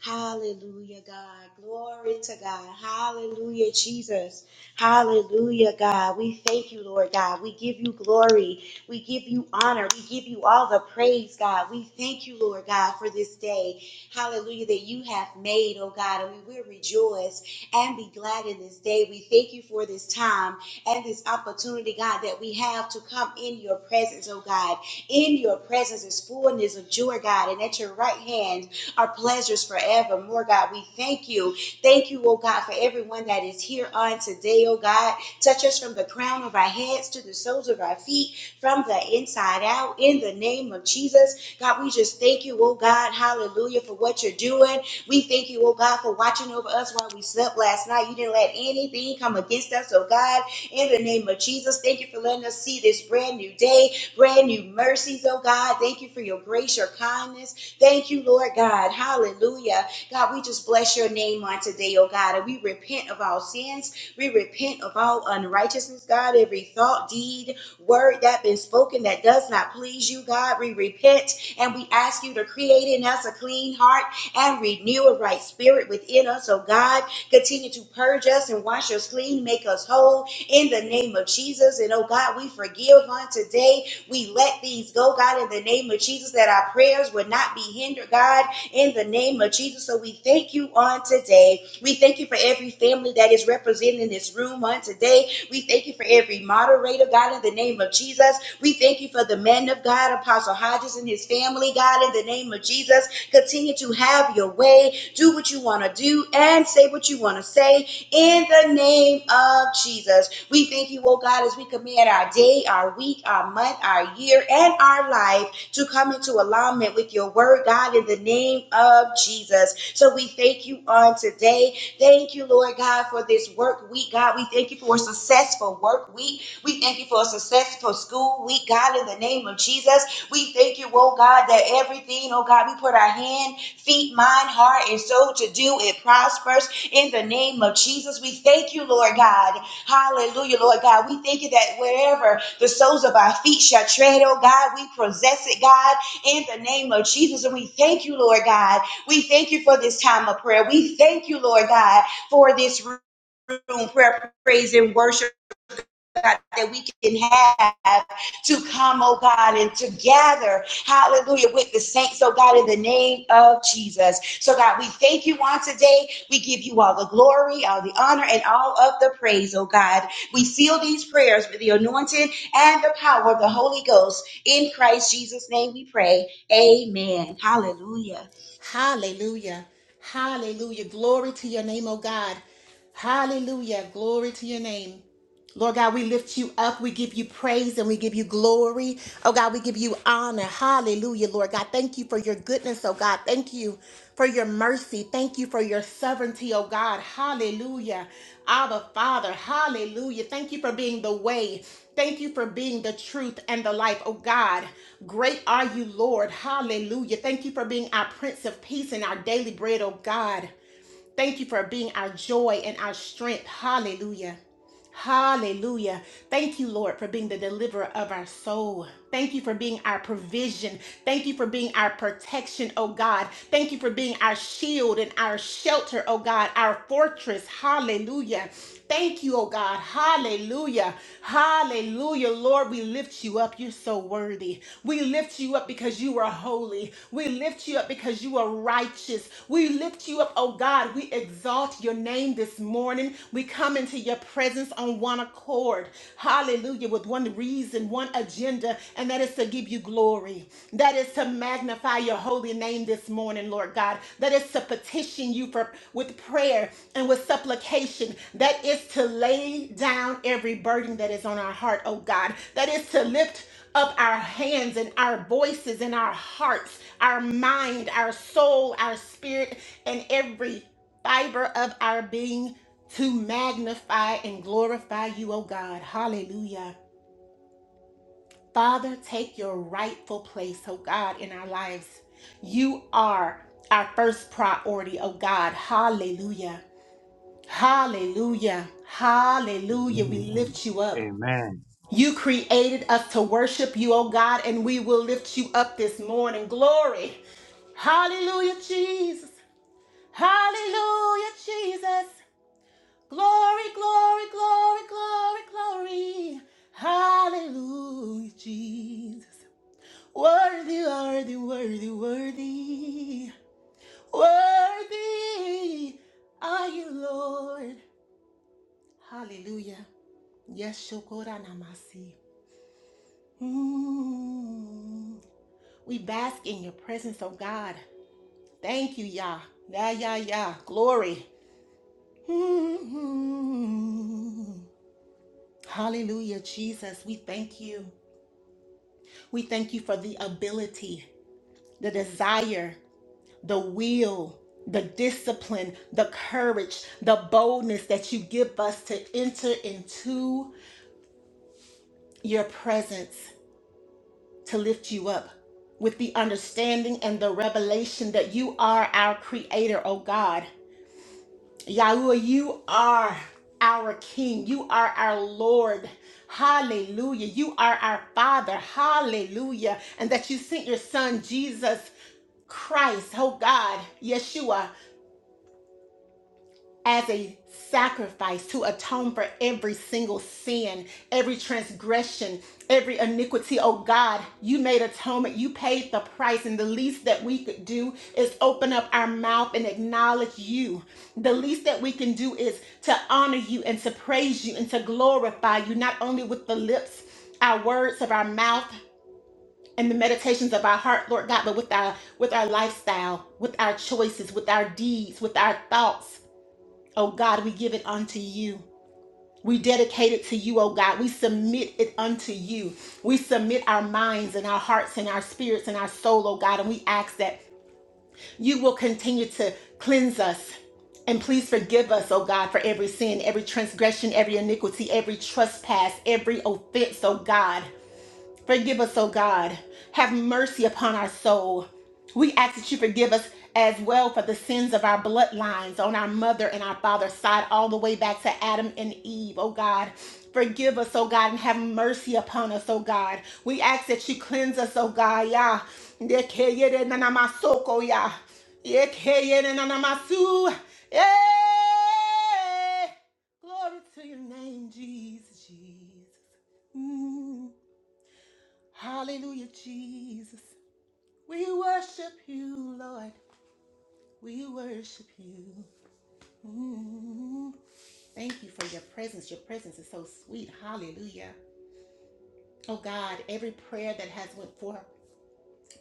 Hallelujah, God. Glory to God. Hallelujah, Jesus. Hallelujah, God. We thank you, Lord God. We give you glory. We give you honor. We give you all the praise, God. We thank you, Lord God, for this day. Hallelujah, that you have made, oh God. And we will rejoice and be glad in this day. We thank you for this time and this opportunity, God, that we have to come in your presence, oh God. In your presence is fullness of joy, God, and at your right hand are pleasures forevermore, God. We thank you. Thank you, oh God, for everyone that is here on today, oh God. Touch us from the crown of our heads to the soles of our feet, from the inside out, in the name of Jesus. God, we just thank you, oh God, hallelujah, for what you're doing. We thank you, oh God, for watching over us while we slept last night. You didn't let anything come against us, oh God. In the name of Jesus, thank you for letting us see this brand new day brand new mercies, oh God. Thank you for your grace, your kindness. Thank you, Lord God. Hallelujah. God, we just bless your name on today, oh God. And we repent of all sins. We repent of all unrighteousness, God. Every thought, deed, word that been spoken that does not please you, God. We repent and we ask you to create in us a clean heart and renew a right spirit within us, oh God. Continue to purge us and wash us clean, make us whole in the name of Jesus. And oh God, we forgive on today we let these go, God, in the name of Jesus, that our prayers would not be hindered, God, in the name of Jesus. So we thank you on today. We thank you for every family that is represented in this room on today. We thank you for every moderator, God, in the name of Jesus. We thank you for the man of God, Apostle Hodges, and his family, God, in the name of Jesus. Continue to have your way, do what you want to do, and say what you want to say in the name of Jesus. We thank you, oh God, as we command our day, our week, our month, our year, and our life to come into alignment with your word, God, in the name of Jesus. So we thank you on today. Thank you, Lord God, for this work week, God. We thank you for a successful work week. We thank you for a successful school week, God, in the name of Jesus. We thank you, oh God, that everything, oh God, we put our hand, feet, mind, heart, and soul to do, it prospers in the name of Jesus. We thank you, Lord God. Hallelujah, Lord God. We thank you that wherever the soles of our feet shall tread, oh God, we possess it, God, in the name of Jesus. And we thank you, Lord God. We thank you for this time of prayer. We thank you, Lord God, for this room, prayer, praise, and worship. God, that we can have to come, oh God, and to gather, hallelujah, with the saints, oh God, in the name of Jesus. So, God, we thank you on today. We give you all the glory, all the honor, and all of the praise, oh God. We seal these prayers with the anointing and the power of the Holy Ghost. In Christ Jesus' name we pray. Amen. Hallelujah.
Hallelujah. Hallelujah. Glory to your name, oh God. Hallelujah. Glory to your name. Lord God, we lift you up. We give you praise and we give you glory. Oh God, we give you honor. Hallelujah, Lord God. Thank you for your goodness, oh God. Thank you for your mercy. Thank you for your sovereignty, oh God. Hallelujah. Abba, Father. Hallelujah. Thank you for being the way. Thank you for being the truth and the life, oh God. Great are you, Lord. Hallelujah. Thank you for being our Prince of Peace and our daily bread, oh God. Thank you for being our joy and our strength. Hallelujah. Hallelujah. Thank you, Lord, for being the deliverer of our soul. Thank you for being our provision. Thank you for being our protection, oh God. Thank you for being our shield and our shelter, oh God, our fortress. Hallelujah. Thank you, oh God. Hallelujah. Hallelujah. Lord, we lift you up. You're so worthy. We lift you you up because you are holy. We lift you up because you are righteous. We lift you up, oh God. We exalt your name this morning. We come into your presence on one accord. Hallelujah. With one reason, one agenda, and that is to give you glory. That is to magnify your holy name this morning, Lord God. That is to petition you for with prayer and with supplication. That is to lay down every burden that is on our heart, oh God. That is to lift up our hands and our voices and our hearts, our mind, our soul, our spirit, and every fiber of our being to magnify and glorify you, oh God. Hallelujah. Father, take your rightful place, oh God, in our lives. You are our first priority, oh God. Hallelujah. Hallelujah. Hallelujah. We
Amen.
lift you up.
Amen.
You created us to worship you, oh God, and we will lift you up this morning. Glory. Hallelujah, Jesus. Hallelujah, Jesus. Glory, glory, glory, glory, glory. Hallelujah, Jesus. Worthy, worthy, worthy, worthy. Worthy are you, Lord. Hallelujah. Yes, Shokoranamasi. Mm. We bask in your presence, oh God. Thank you, Yah. Yah, Yah, Yah. Glory. Mm-hmm. Hallelujah, Jesus. We thank you. We thank you for the ability, the desire, the will, the discipline, the courage, the boldness that you give us to enter into your presence, to lift you up with the understanding and the revelation that you are our creator, oh God. Yahweh, you are our King. You are our Lord. Hallelujah. You are our Father. Hallelujah. And that you sent your Son, Jesus Christ, oh God, Yeshua as a sacrifice to atone for every single sin, every transgression, every iniquity. Oh God, you made atonement. You paid the price. And the least that we could do is open up our mouth and acknowledge you. The least that we can do is to honor you and to praise you and to glorify you, not only with the lips, our words of our mouth. And the meditations of our heart, Lord God, but with our with our lifestyle, with our choices, with our deeds, with our thoughts. Oh God, we give it unto you. We dedicate it to you, oh God. We submit it unto you. We submit our minds and our hearts and our spirits and our soul, oh God. And we ask that you will continue to cleanse us. And please forgive us, oh God, for every sin, every transgression, every iniquity, every trespass, every offense, oh God. Forgive us, O God. Have mercy upon our soul. We ask that you forgive us as well for the sins of our bloodlines on our mother and our father's side, all the way back to Adam and Eve, O God. Forgive us, O God, and have mercy upon us, O God. We ask that you cleanse us, O God. Yah. Yekeyerenanamasoko, Yah. Yekeyerenanamasu. Yeah. Glory to your name, Jesus, Jesus. Mm. Hallelujah, Jesus. We worship you, Lord. We worship you. Mm. Thank you for your presence. Your presence is so sweet. Hallelujah. Oh God, every prayer that has went forth.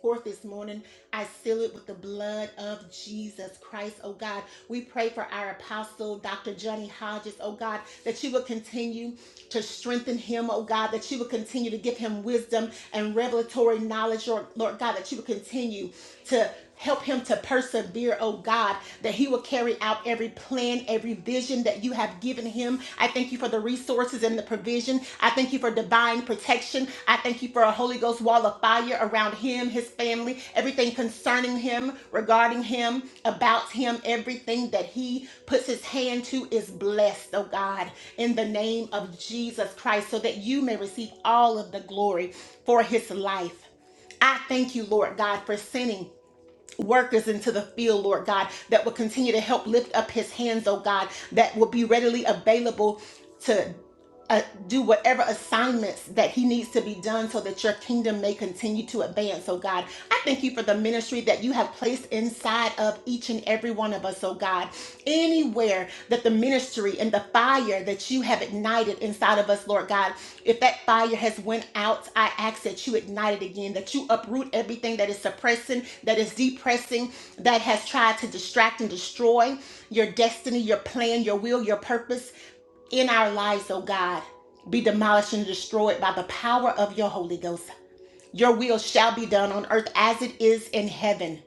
forth this morning. I seal it with the blood of Jesus Christ, oh God. We pray for our apostle, Dr. Johnny Hodges, oh God, that you would continue to strengthen him, oh God, that you would continue to give him wisdom and revelatory knowledge, Lord, Lord God, that you would continue to Help him to persevere, oh God, that he will carry out every plan, every vision that you have given him. I thank you for the resources and the provision. I thank you for divine protection. I thank you for a Holy Ghost wall of fire around him, his family, everything concerning him, regarding him, about him, everything that he puts his hand to is blessed, oh God, in the name of Jesus Christ, so that you may receive all of the glory for his life. I thank you, Lord God, for sending workers into the field, Lord God, that will continue to help lift up his hands, oh God, that will be readily available. to uh, do whatever assignments that he needs to be done so that your kingdom may continue to advance. Oh God, I thank you for the ministry that you have placed inside of each and every one of us. Oh God, anywhere that the ministry and the fire that you have ignited inside of us, Lord God, if that fire has went out, I ask that you ignite it again, that you uproot everything that is suppressing, that is depressing, that has tried to distract and destroy your destiny, your plan, your will, your purpose in our lives, oh God, be demolished and destroyed by the power of your Holy Ghost. Your will shall be done on earth as it is in heaven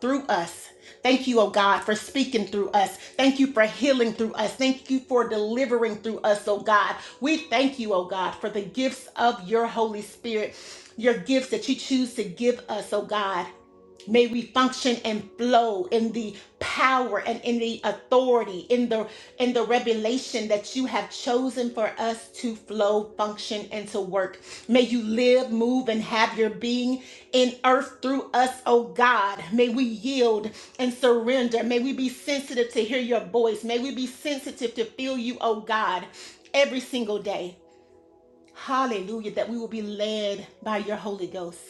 through us. Thank you, oh God, for speaking through us. Thank you for healing through us. Thank you for delivering through us, oh God. We thank you, oh God, for the gifts of your Holy Spirit, your gifts that you choose to give us, oh God. May we function and flow in the power and in the authority, in the in the revelation that you have chosen for us to flow, function, and to work. May you live, move, and have your being in earth through us, oh God. May we yield and surrender. May we be sensitive to hear your voice. May we be sensitive to feel you, oh God, every single day. Hallelujah. That we will be led by your Holy Ghost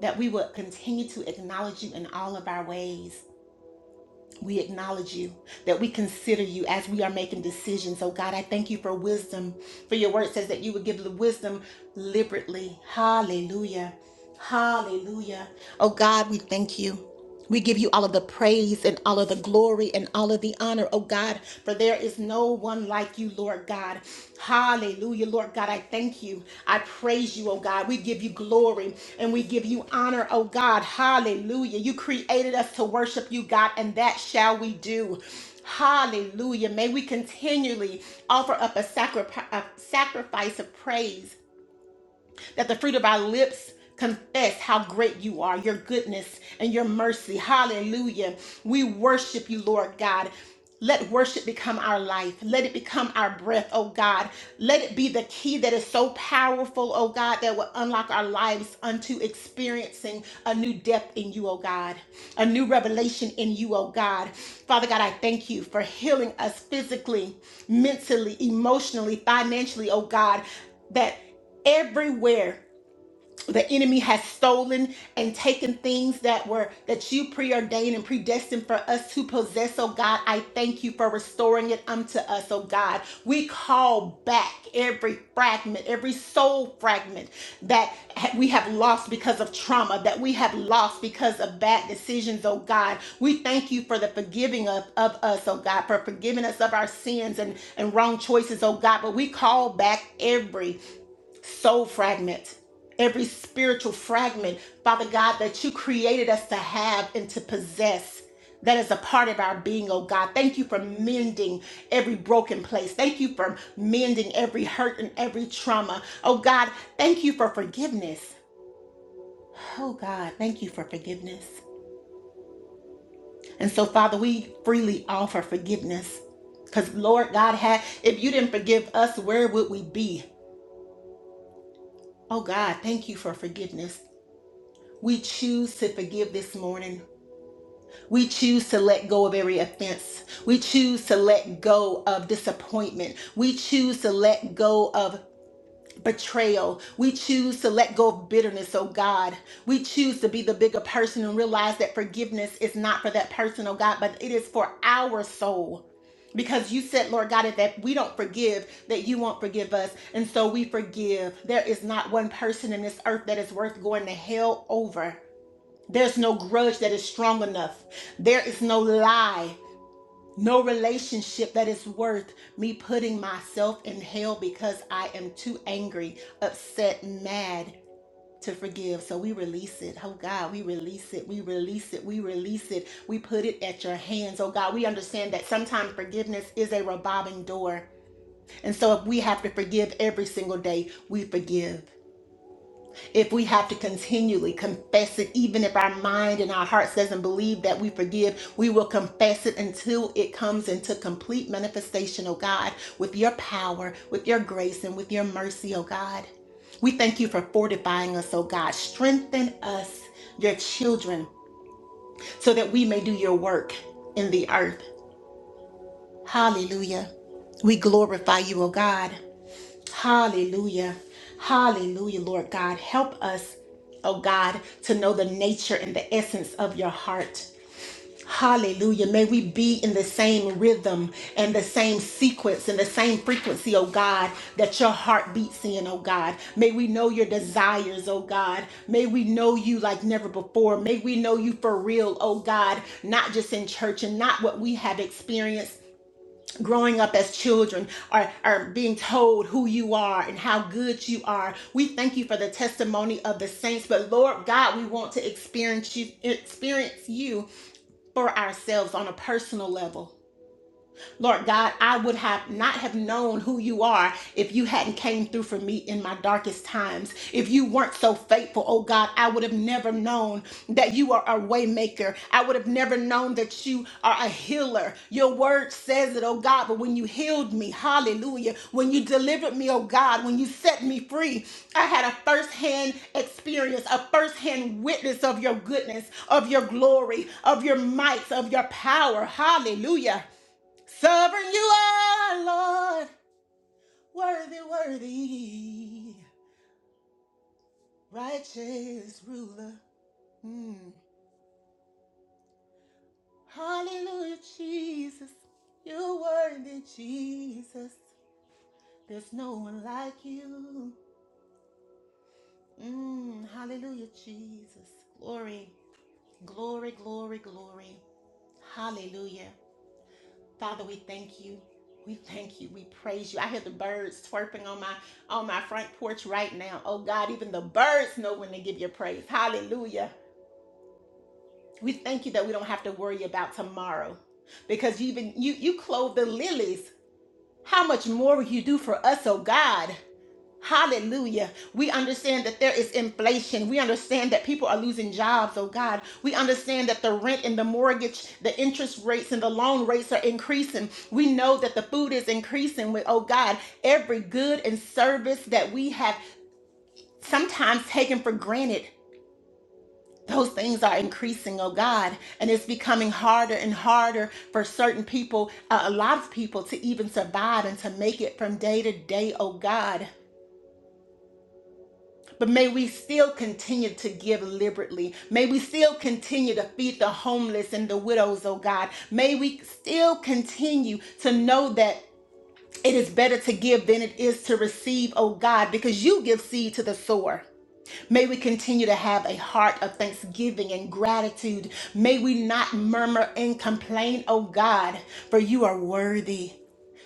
that we would continue to acknowledge you in all of our ways. We acknowledge you, that we consider you as we are making decisions. Oh God, I thank you for wisdom. For your word says that you would give the wisdom liberally. Hallelujah. Hallelujah. Oh God, we thank you. We give you all of the praise and all of the glory and all of the honor, oh God, for there is no one like you, Lord God. Hallelujah, Lord God. I thank you. I praise you, oh God. We give you glory and we give you honor, oh God. Hallelujah. You created us to worship you, God, and that shall we do. Hallelujah. May we continually offer up a, sacri- a sacrifice of praise that the fruit of our lips confess how great you are, your goodness and your mercy. Hallelujah. We worship you, Lord God. Let worship become our life. Let it become our breath, oh God. Let it be the key that is so powerful, oh God, that will unlock our lives unto experiencing a new depth in you, oh God, a new revelation in you, oh God. Father God, I thank you for healing us physically, mentally, emotionally, financially, oh God, that everywhere the enemy has stolen and taken things that were that you preordained and predestined for us to possess oh god i thank you for restoring it unto us oh god we call back every fragment every soul fragment that ha- we have lost because of trauma that we have lost because of bad decisions oh god we thank you for the forgiving of, of us oh god for forgiving us of our sins and and wrong choices oh god but we call back every soul fragment, every spiritual fragment, Father God, that you created us to have and to possess. That is a part of our being, oh God. Thank you for mending every broken place. Thank you for mending every hurt and every trauma. Oh God, thank you for forgiveness. Oh God, thank you for forgiveness. And so, Father, we freely offer forgiveness. Because, Lord God, had if you didn't forgive us, where would we be? Oh God, thank you for forgiveness. We choose to forgive this morning. We choose to let go of every offense. We choose to let go of disappointment. We choose to let go of betrayal. We choose to let go of bitterness, oh God. We choose to be the bigger person and realize that forgiveness is not for that person, oh God, but it is for our soul. Because you said, Lord God, that we don't forgive, that you won't forgive us. And so we forgive. There is not one person in this earth that is worth going to hell over. There's no grudge that is strong enough. There is no lie, no relationship that is worth me putting myself in hell because I am too angry, upset, mad to forgive. So we release it. Oh God, we release it. We release it. We release it. We put it at your hands. Oh God, we understand that sometimes forgiveness is a revolving door. And so if we have to forgive every single day, we forgive if we have to continually confess it, even if our mind and our hearts doesn't believe that we forgive, we will confess it until it comes into complete manifestation, oh God, with your power, with your grace, and with your mercy, oh God. We thank you for fortifying us, oh God. Strengthen us, your children, so that we may do your work in the earth. Hallelujah. We glorify you, oh God. Hallelujah. Hallelujah, Lord God. Help us, oh God, to know the nature and the essence of your heart. Hallelujah. May we be in the same rhythm and the same sequence and the same frequency, oh God, that your heart beats in, oh God. May we know your desires, oh God. May we know you like never before. May we know you for real, oh God, not just in church and not what we have experienced growing up as children are, are being told who you are and how good you are. We thank you for the testimony of the saints, but Lord God, we want to experience you experience you for ourselves on a personal level. Lord God, I would have not have known who you are if you hadn't came through for me in my darkest times. If you weren't so faithful, oh God, I would have never known that you are a waymaker. I would have never known that you are a healer. Your word says it, oh God, but when you healed me, hallelujah, when you delivered me, oh God, when you set me free, I had a firsthand experience, a firsthand witness of your goodness, of your glory, of your might, of your power. Hallelujah. Sovereign you are, Lord, worthy, worthy, righteous ruler. Mm. Hallelujah, Jesus. You're worthy, Jesus. There's no one like you. Mm. Hallelujah, Jesus. Glory, glory, glory, glory. Hallelujah. Father, we thank you. We thank you. We praise you. I hear the birds twerping on my on my front porch right now. Oh God, even the birds know when to give you praise. Hallelujah. We thank you that we don't have to worry about tomorrow. Because you even you you clothe the lilies. How much more will you do for us, oh God? Hallelujah. We understand that there is inflation. We understand that people are losing jobs, oh God. We understand that the rent and the mortgage, the interest rates and the loan rates are increasing. We know that the food is increasing with, oh God, every good and service that we have sometimes taken for granted. Those things are increasing, oh God, and it's becoming harder and harder for certain people, uh, a lot of people, to even survive and to make it from day to day, oh God. But may we still continue to give liberally. May we still continue to feed the homeless and the widows, oh God. May we still continue to know that it is better to give than it is to receive, oh God, because you give seed to the sower. May we continue to have a heart of thanksgiving and gratitude. May we not murmur and complain, oh God, for you are worthy.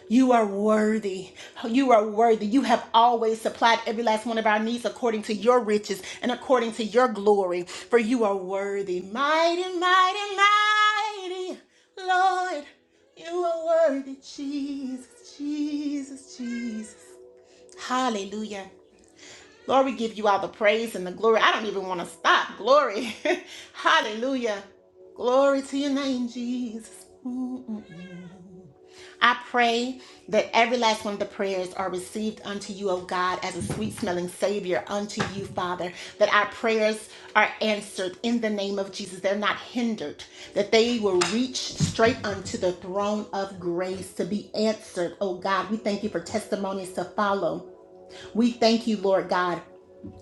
You are worthy. You are worthy. You have always supplied every last one of our needs according to your riches and according to your glory. For you are worthy. Mighty, mighty, mighty Lord. You are worthy. Jesus, Jesus, Jesus. Hallelujah. Lord, we give you all the praise and the glory. I don't even want to stop. Glory. Hallelujah. Glory to your name, Jesus. Mm-mm. I pray that every last one of the prayers are received unto you, O God, as a sweet smelling Savior unto you, Father. That our prayers are answered in the name of Jesus. They're not hindered. That they will reach straight unto the throne of grace to be answered, O God. We thank you for testimonies to follow. We thank you, Lord God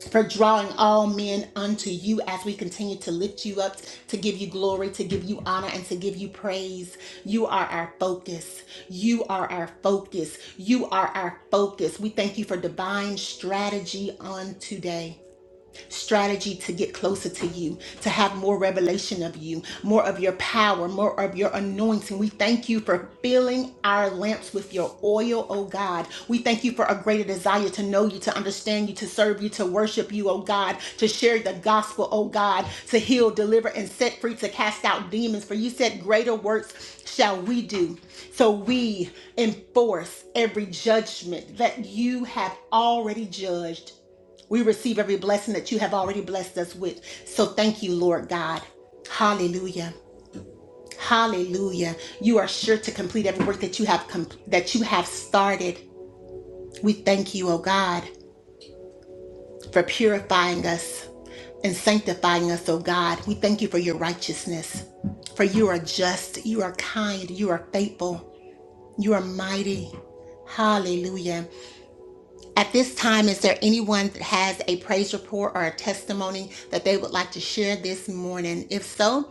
for drawing all men unto you as we continue to lift you up, to give you glory, to give you honor, and to give you praise. You are our focus. You are our focus. You are our focus. We thank you for divine strategy on today strategy to get closer to you, to have more revelation of you, more of your power, more of your anointing. We thank you for filling our lamps with your oil, oh God. We thank you for a greater desire to know you, to understand you, to serve you, to worship you, oh God, to share the gospel, oh God, to heal, deliver, and set free, to cast out demons. For you said, Greater works shall we do. So we enforce every judgment that you have already judged we receive every blessing that you have already blessed us with. So thank you, Lord God. Hallelujah. Hallelujah. You are sure to complete every work that you have com- that you have started. We thank you, O God, for purifying us and sanctifying us, O God. We thank you for your righteousness. For you are just, you are kind, you are faithful, you are mighty. Hallelujah. At this time, is there anyone that has a praise report or a testimony that they would like to share this morning? If so,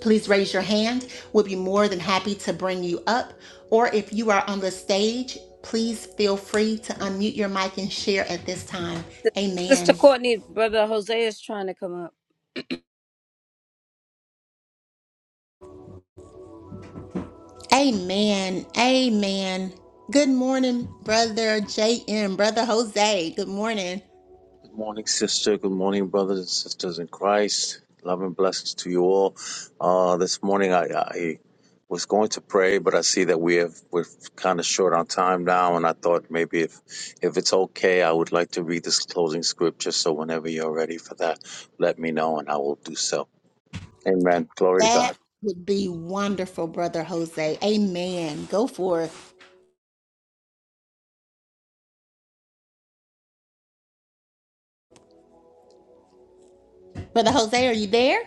please raise your hand. We'll be more than happy to bring you up. Or if you are on the stage, please feel free to unmute your mic and share at this time.
Sister
Amen.
Courtney, brother Jose is trying to come up.
Amen. Amen. Good morning, Brother JM, Brother Jose. Good morning.
Good morning, sister. Good morning, brothers and sisters in Christ. Love and blessings to you all. Uh, this morning, I, I was going to pray, but I see that we have we're kind of short on time now, and I thought maybe if if it's okay, I would like to read this closing scripture. So whenever you're ready for that, let me know, and I will do so. Amen. Glory to God.
That would be wonderful, Brother Jose. Amen. Go forth. Brother Jose, are you there?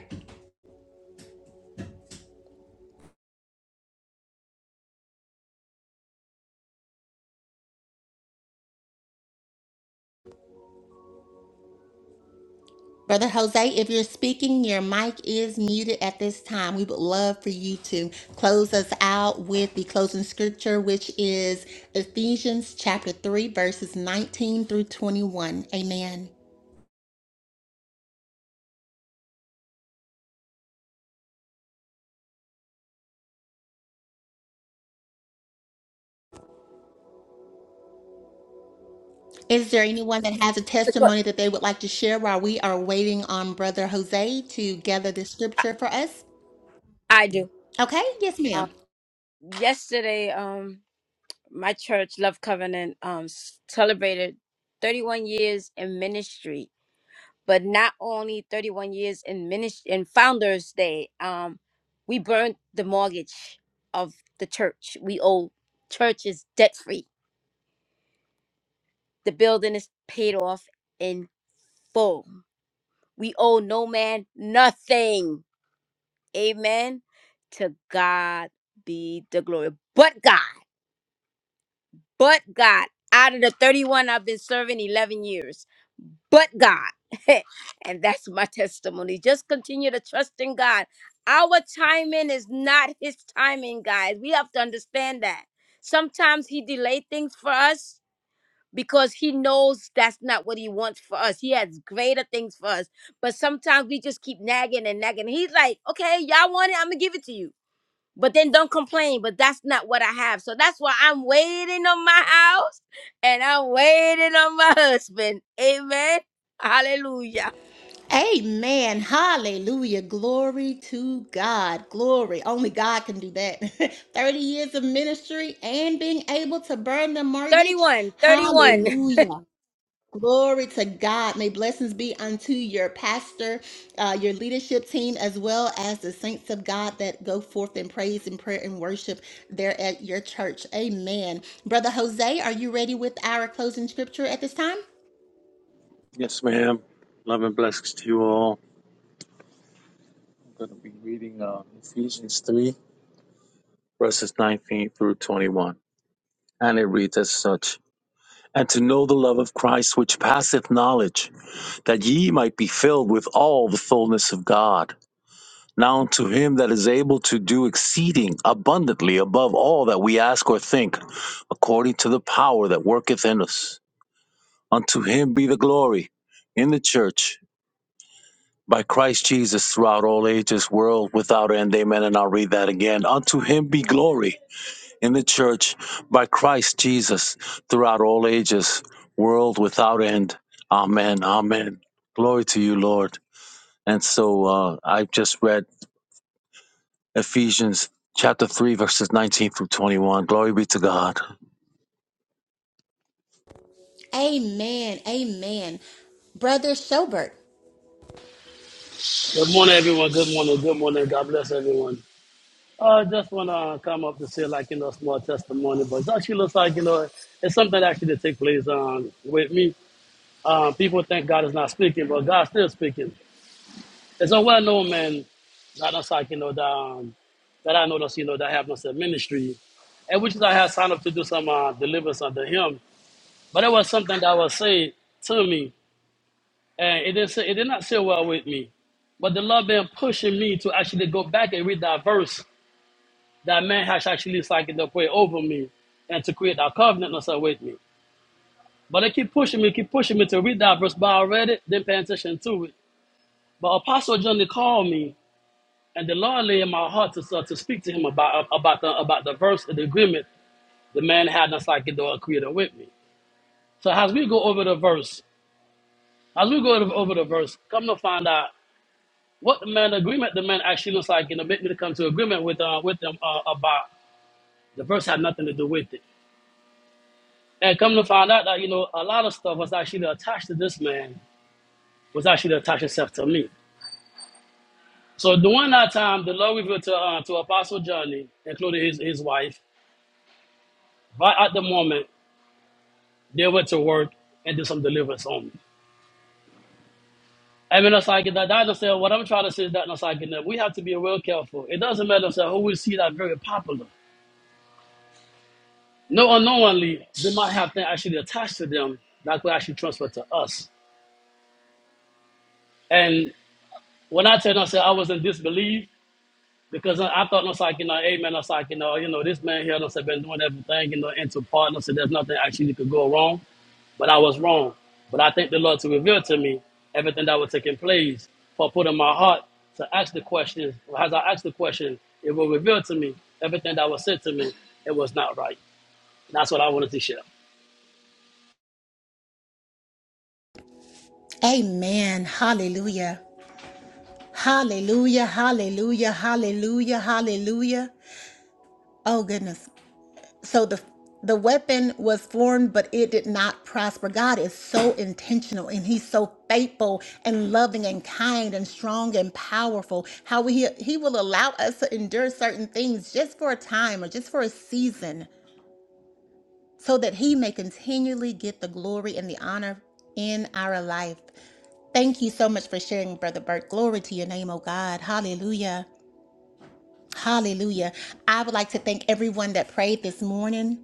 Brother Jose, if you're speaking, your mic is muted at this time. We would love for you to close us out with the closing scripture, which is Ephesians chapter 3, verses 19 through 21. Amen. Is there anyone that has a
Sister Courtney,
testimony that they would like to share while we are waiting on Brother Jose to gather the
I,
scripture for us?
I do.
Okay, yes,
Um,
ma'am.
yesterday, um, my church, Love Covenant, um, s- celebrated 31 years in ministry, but not only 31 years in ministry in Founders Day. Um, we burned the mortgage of the church. We owe church is debt free. The building is paid off in full. We owe no man nothing Amen. To God be the glory. But God, but God, out of the 31 I've been serving 11 years, but God. and that's my testimony. Just continue to trust in God. Our timing is not his timing, guys. We have to understand that. Sometimes he delay things for us because he knows that's not what he wants for us. He has greater things for us. But sometimes we just keep nagging and nagging. He's like, okay, y'all want it, I'm gonna give it to you. But then don't complain, but that's not what I have. So that's why I'm waiting on my house and I'm waiting on my husband. Amen. Hallelujah.
Amen. Hallelujah. Glory to God. Glory. Only God can do that. 30 years of ministry and being able to burn the mortgage.
31, 31.
Hallelujah. Glory to God. May blessings be unto your pastor, uh, your leadership team, as well as the saints of God that go forth in praise and prayer and worship there at your church. Amen. Brother Jose, are you ready with our closing scripture at this time?
Yes, ma'am. Love and blessings to you all. I'm going to be reading uh, Ephesians three verses nineteen through twenty-one, and it reads as such. and to know the love of Christ which passeth knowledge, that ye might be filled with all the fullness of God. Now unto him that is able to do exceeding abundantly above all that we ask or think, according to the power that worketh in us. Unto him be the glory in the church by Christ Jesus throughout all ages, world without end. Amen. And I'll read that again. Unto him be glory in the church by Christ Jesus throughout all ages, world without end. Amen. Amen. Glory to you, Lord. And so uh, I've just read Ephesians chapter 3, verses 19 through 21. Glory be to God.
Amen. Amen. Brother Schobert.
Good morning, everyone. Good morning. Good morning. God bless everyone. I uh, just want to come up to say, like, you know, a small testimony, but it actually looks like, you know, it's something actually that take place um, with me. Um, people think God is not speaking, but God's still speaking. It's a well known man that I like, you know, that, um, that I noticed, you know, that happens in ministry, and which is I had signed up to do some uh, deliverance under him. But it was something that was said to me and it didn't sit- it did not sit well with me. But the Lord been pushing me to actually go back and read that verse that man has actually signed up way over me and to create that covenant also with me. But they keep pushing me, keep pushing me to read that verse, but I read it, didn't pay attention to it. But Apostle Johnny called me and the Lord lay in my heart to start to speak to him about about the about the verse and the agreement the man had that's like it created with me. So as we go over the verse, as we go over the verse, come to find out. what the man agreement the man actually looks like, you know, make me to come to agreement with uh with them uh, about the verse had nothing to do with it. And come to find out that, you know, a lot of stuff was actually attached to this man, was actually attached itself to me. So during that time, the Lord revealed to uh, to Apostle Johnny, including his, his wife, right at the moment, they went to work and did some deliverance on me. I mean, it's like that. I That's what I'm trying to say. Is that it's like that we have to be real careful. It doesn't matter so who we see that very popular. No, unknowingly, they might have things actually attached to them that could actually transfer to us. And when I tell them, I said I was in disbelief because I, I thought, no, it's like, you know, hey, man, it's like, you know, you know, this man here, no, said, been doing everything, you know, into partner, so there's nothing actually could go wrong. But I was wrong. But I thank the Lord to reveal to me everything that was taking place for putting my heart to ask the question. As I asked the question, it will reveal to me everything that was said to me. It was not right. And that's what I wanted to share.
Amen. Hallelujah. Hallelujah. Hallelujah. Hallelujah. Hallelujah. Oh goodness. So the the weapon was formed, but it did not prosper. God is so intentional and He's so faithful and loving and kind and strong and powerful. How He He will allow us to endure certain things just for a time or just for a season. so that he may continually get the glory and the honor in our life. Thank you so much for sharing, Brother Burke. Glory to your name, oh God. Hallelujah. Hallelujah. I would like to thank everyone that prayed this morning.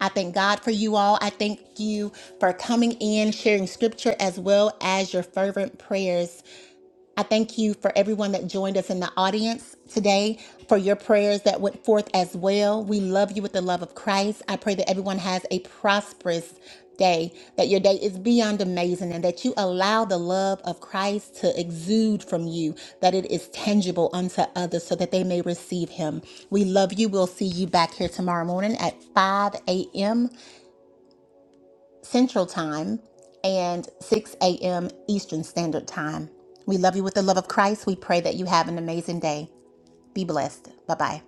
I thank God for you all. I thank you for coming in, sharing scripture, as well as your fervent prayers. I thank you for everyone that joined us in the audience today, for your prayers that went forth as well. We love you with the love of Christ. I pray that everyone has a prosperous day, that your day is beyond amazing, and that you allow the love of Christ to exude from you, that it is tangible unto others so that they may receive him. We love you. We'll see you back here tomorrow morning at 5 a.m. Central Time and 6 a.m. Eastern Standard Time. We love you with the love of Christ. We pray that you have an amazing day. Be blessed. Bye bye.